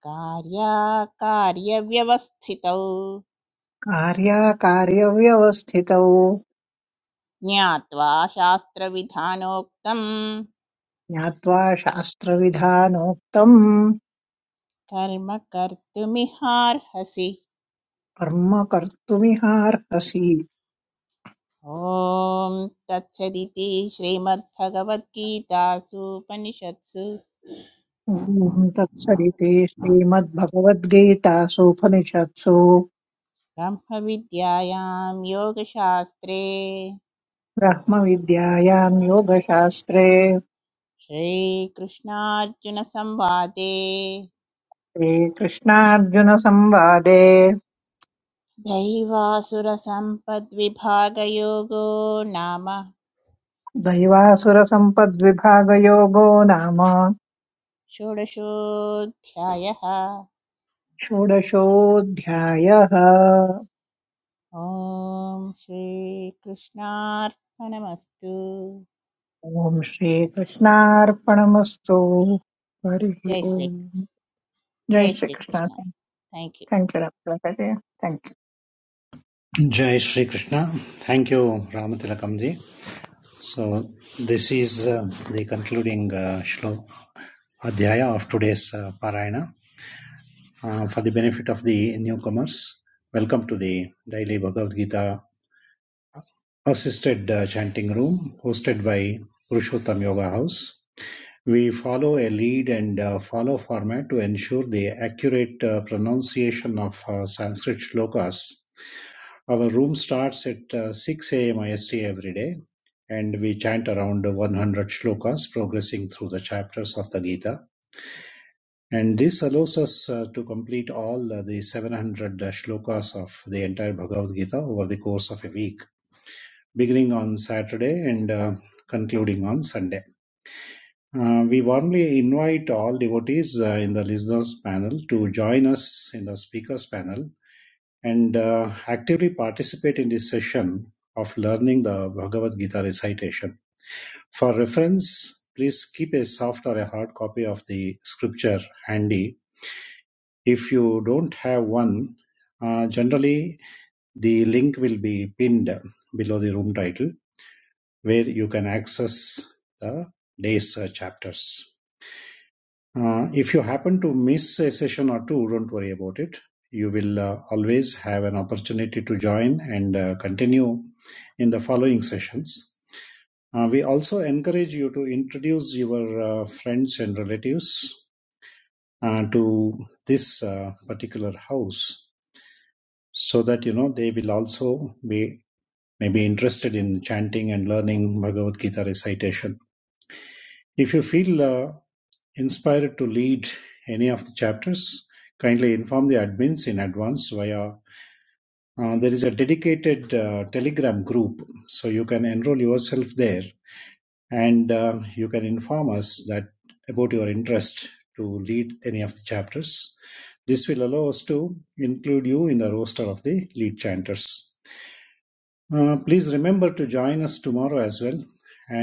Speaker 5: कार्याकार्यव्यवस्थितौ
Speaker 4: कार्याकार्यव्यवस्थितौ
Speaker 5: ज्ञात्वा शास्त्रविधानोक्तं
Speaker 4: ज्ञात्वा शास्त्रविधानोक्तम्
Speaker 5: कर्म कर्तुमिहार्हसि
Speaker 4: कर्म कर्तुमिहार्हसि
Speaker 5: ॐ तत्सदिति श्रीमद्भगवद्गीतासूपनिषत्सु
Speaker 4: ॐ तत्सदिति श्रीमद्भगवद्गीतासूपनिषत्सु
Speaker 5: ब्रह्मविद्यायां योगशास्त्रे
Speaker 4: ब्रह्मविद्यायाम् योगशास्त्रे
Speaker 5: श्रीकृष्णार्जुनसंवादे
Speaker 4: श्रीकृष्णार्जुनसंवादे
Speaker 5: दैवासुरसम्पद्विभागयोगो नाम
Speaker 4: दैवासुरसम्पद्विभागयोगो नाम
Speaker 5: षोडशोऽध्यायः
Speaker 4: षोडशोऽध्यायः
Speaker 5: ॐ श्रीकृष्णार्पणमस्तु
Speaker 4: ॐ श्रीकृष्णार्पणमस्तु हरिः
Speaker 5: जय श्री
Speaker 4: ओम् जय
Speaker 5: जय
Speaker 4: Shrikrishna
Speaker 5: Shrikrishna thank you
Speaker 4: thank you thank you जय
Speaker 7: Jai Shri Krishna. Thank you, Ramatilakamji. So, this is uh, the concluding uh, shlo- adhyaya of today's uh, parayana. Uh, for the benefit of the newcomers, welcome to the daily Bhagavad Gita assisted uh, chanting room hosted by Purushottam Yoga House. We follow a lead and uh, follow format to ensure the accurate uh, pronunciation of uh, Sanskrit shlokas. Our room starts at uh, 6 a.m. IST every day, and we chant around 100 shlokas, progressing through the chapters of the Gita. And this allows us uh, to complete all uh, the 700 shlokas of the entire Bhagavad Gita over the course of a week, beginning on Saturday and uh, concluding on Sunday. Uh, we warmly invite all devotees uh, in the listeners panel to join us in the speakers panel and uh, actively participate in this session of learning the Bhagavad Gita recitation. For reference, please keep a soft or a hard copy of the scripture handy. If you don't have one, uh, generally the link will be pinned below the room title where you can access the day's uh, chapters. Uh, if you happen to miss a session or two, don't worry about it. You will uh, always have an opportunity to join and uh, continue in the following sessions. Uh, we also encourage you to introduce your uh, friends and relatives uh, to this uh, particular house so that you know they will also be maybe interested in chanting and learning Bhagavad Gita recitation. If you feel uh, Inspired to lead any of the chapters, kindly inform the admins in advance via uh, there is a dedicated uh, telegram group so you can enroll yourself there and uh, you can inform us that about your interest to lead any of the chapters this will allow us to include you in the roster of the lead chanters Uh, please remember to join us tomorrow as well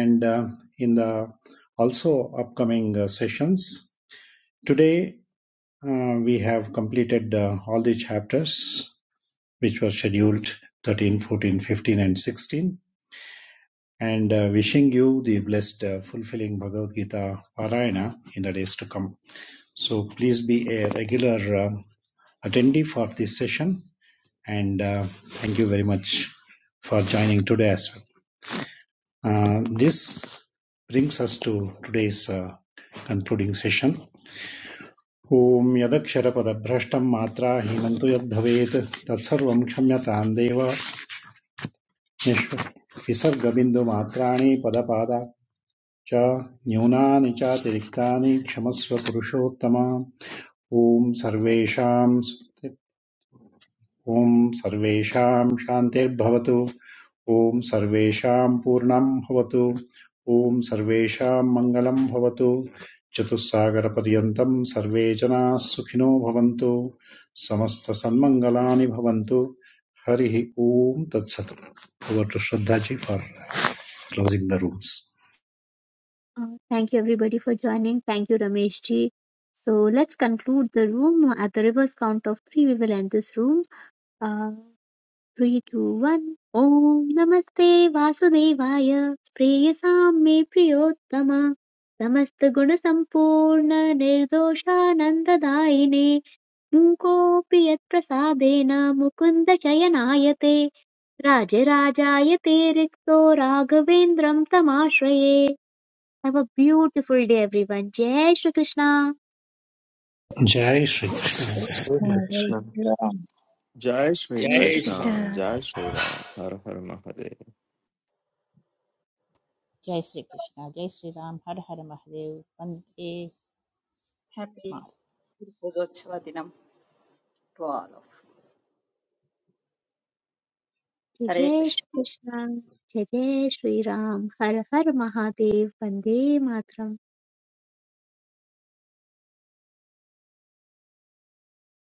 Speaker 7: and uh, in the also upcoming uh, sessions today Uh, we have completed uh, all the chapters which were scheduled 13, 14, fifteen, and 16. And uh, wishing you the blessed, uh, fulfilling Bhagavad Gita Parayana in the days to come. So please be a regular uh, attendee for this session. And uh, thank you very much for joining today as well. Uh, this brings us to today's uh, concluding session Om Yadak Sharapada Prastham Matra Himantoyadhaved Tatsharvamkshamya Tandeya Visharvabindomatranih Pada Padacha Nyuna Ncha Tiriktani Shmasva Purushottama Om Sarvesham. Om sarvesham shantir bhavato. Om sarvesham purnam bhavato. Om sarvesham mangalam bhavato. Jato saagara pryanam sarvejana sukhino bhavantu. Samastha san mangalaani bhavantu. Harihi Om tadvat. Over to Shadhaji for closing the rooms.
Speaker 1: Thank you everybody for joining thank you Ramesh ji so let's conclude the room at the reverse count of three we will end this room three two one ॐ नमस्ते वासुदेवाय प्रेयसां मे प्रियोत्तम समस्तगुणसम्पूर्ण निर्दोषानन्ददायिने मूकोऽपि यत्प्रसादेन मुकुन्द शयनायते राजराजायते रिक्तो राघवेन्द्रं तमाश्रये have a beautiful day everyone जय Shrikrishna
Speaker 7: Jai Shri.
Speaker 4: Krishna.
Speaker 7: Krishna.
Speaker 4: जय
Speaker 2: कृष्ण
Speaker 4: श्रीराम।
Speaker 11: जय श्री
Speaker 8: जय
Speaker 6: जय
Speaker 11: कृष्ण
Speaker 8: श्रीकृष्ण
Speaker 11: जय श्री राम हर हर महादेव
Speaker 5: जय श्रीकृष्ण जय श्रीराम हर हर महादेव वन्दे
Speaker 3: हेपी
Speaker 5: मातरम्।
Speaker 3: गुरुपूजोत्सवदिनं टु आल् आफ्
Speaker 1: जय
Speaker 3: हरे
Speaker 1: जय
Speaker 3: कृष्ण
Speaker 1: श्रीकृष्ण जय जय श्रीराम हर हर महादेव वन्दे मातरम्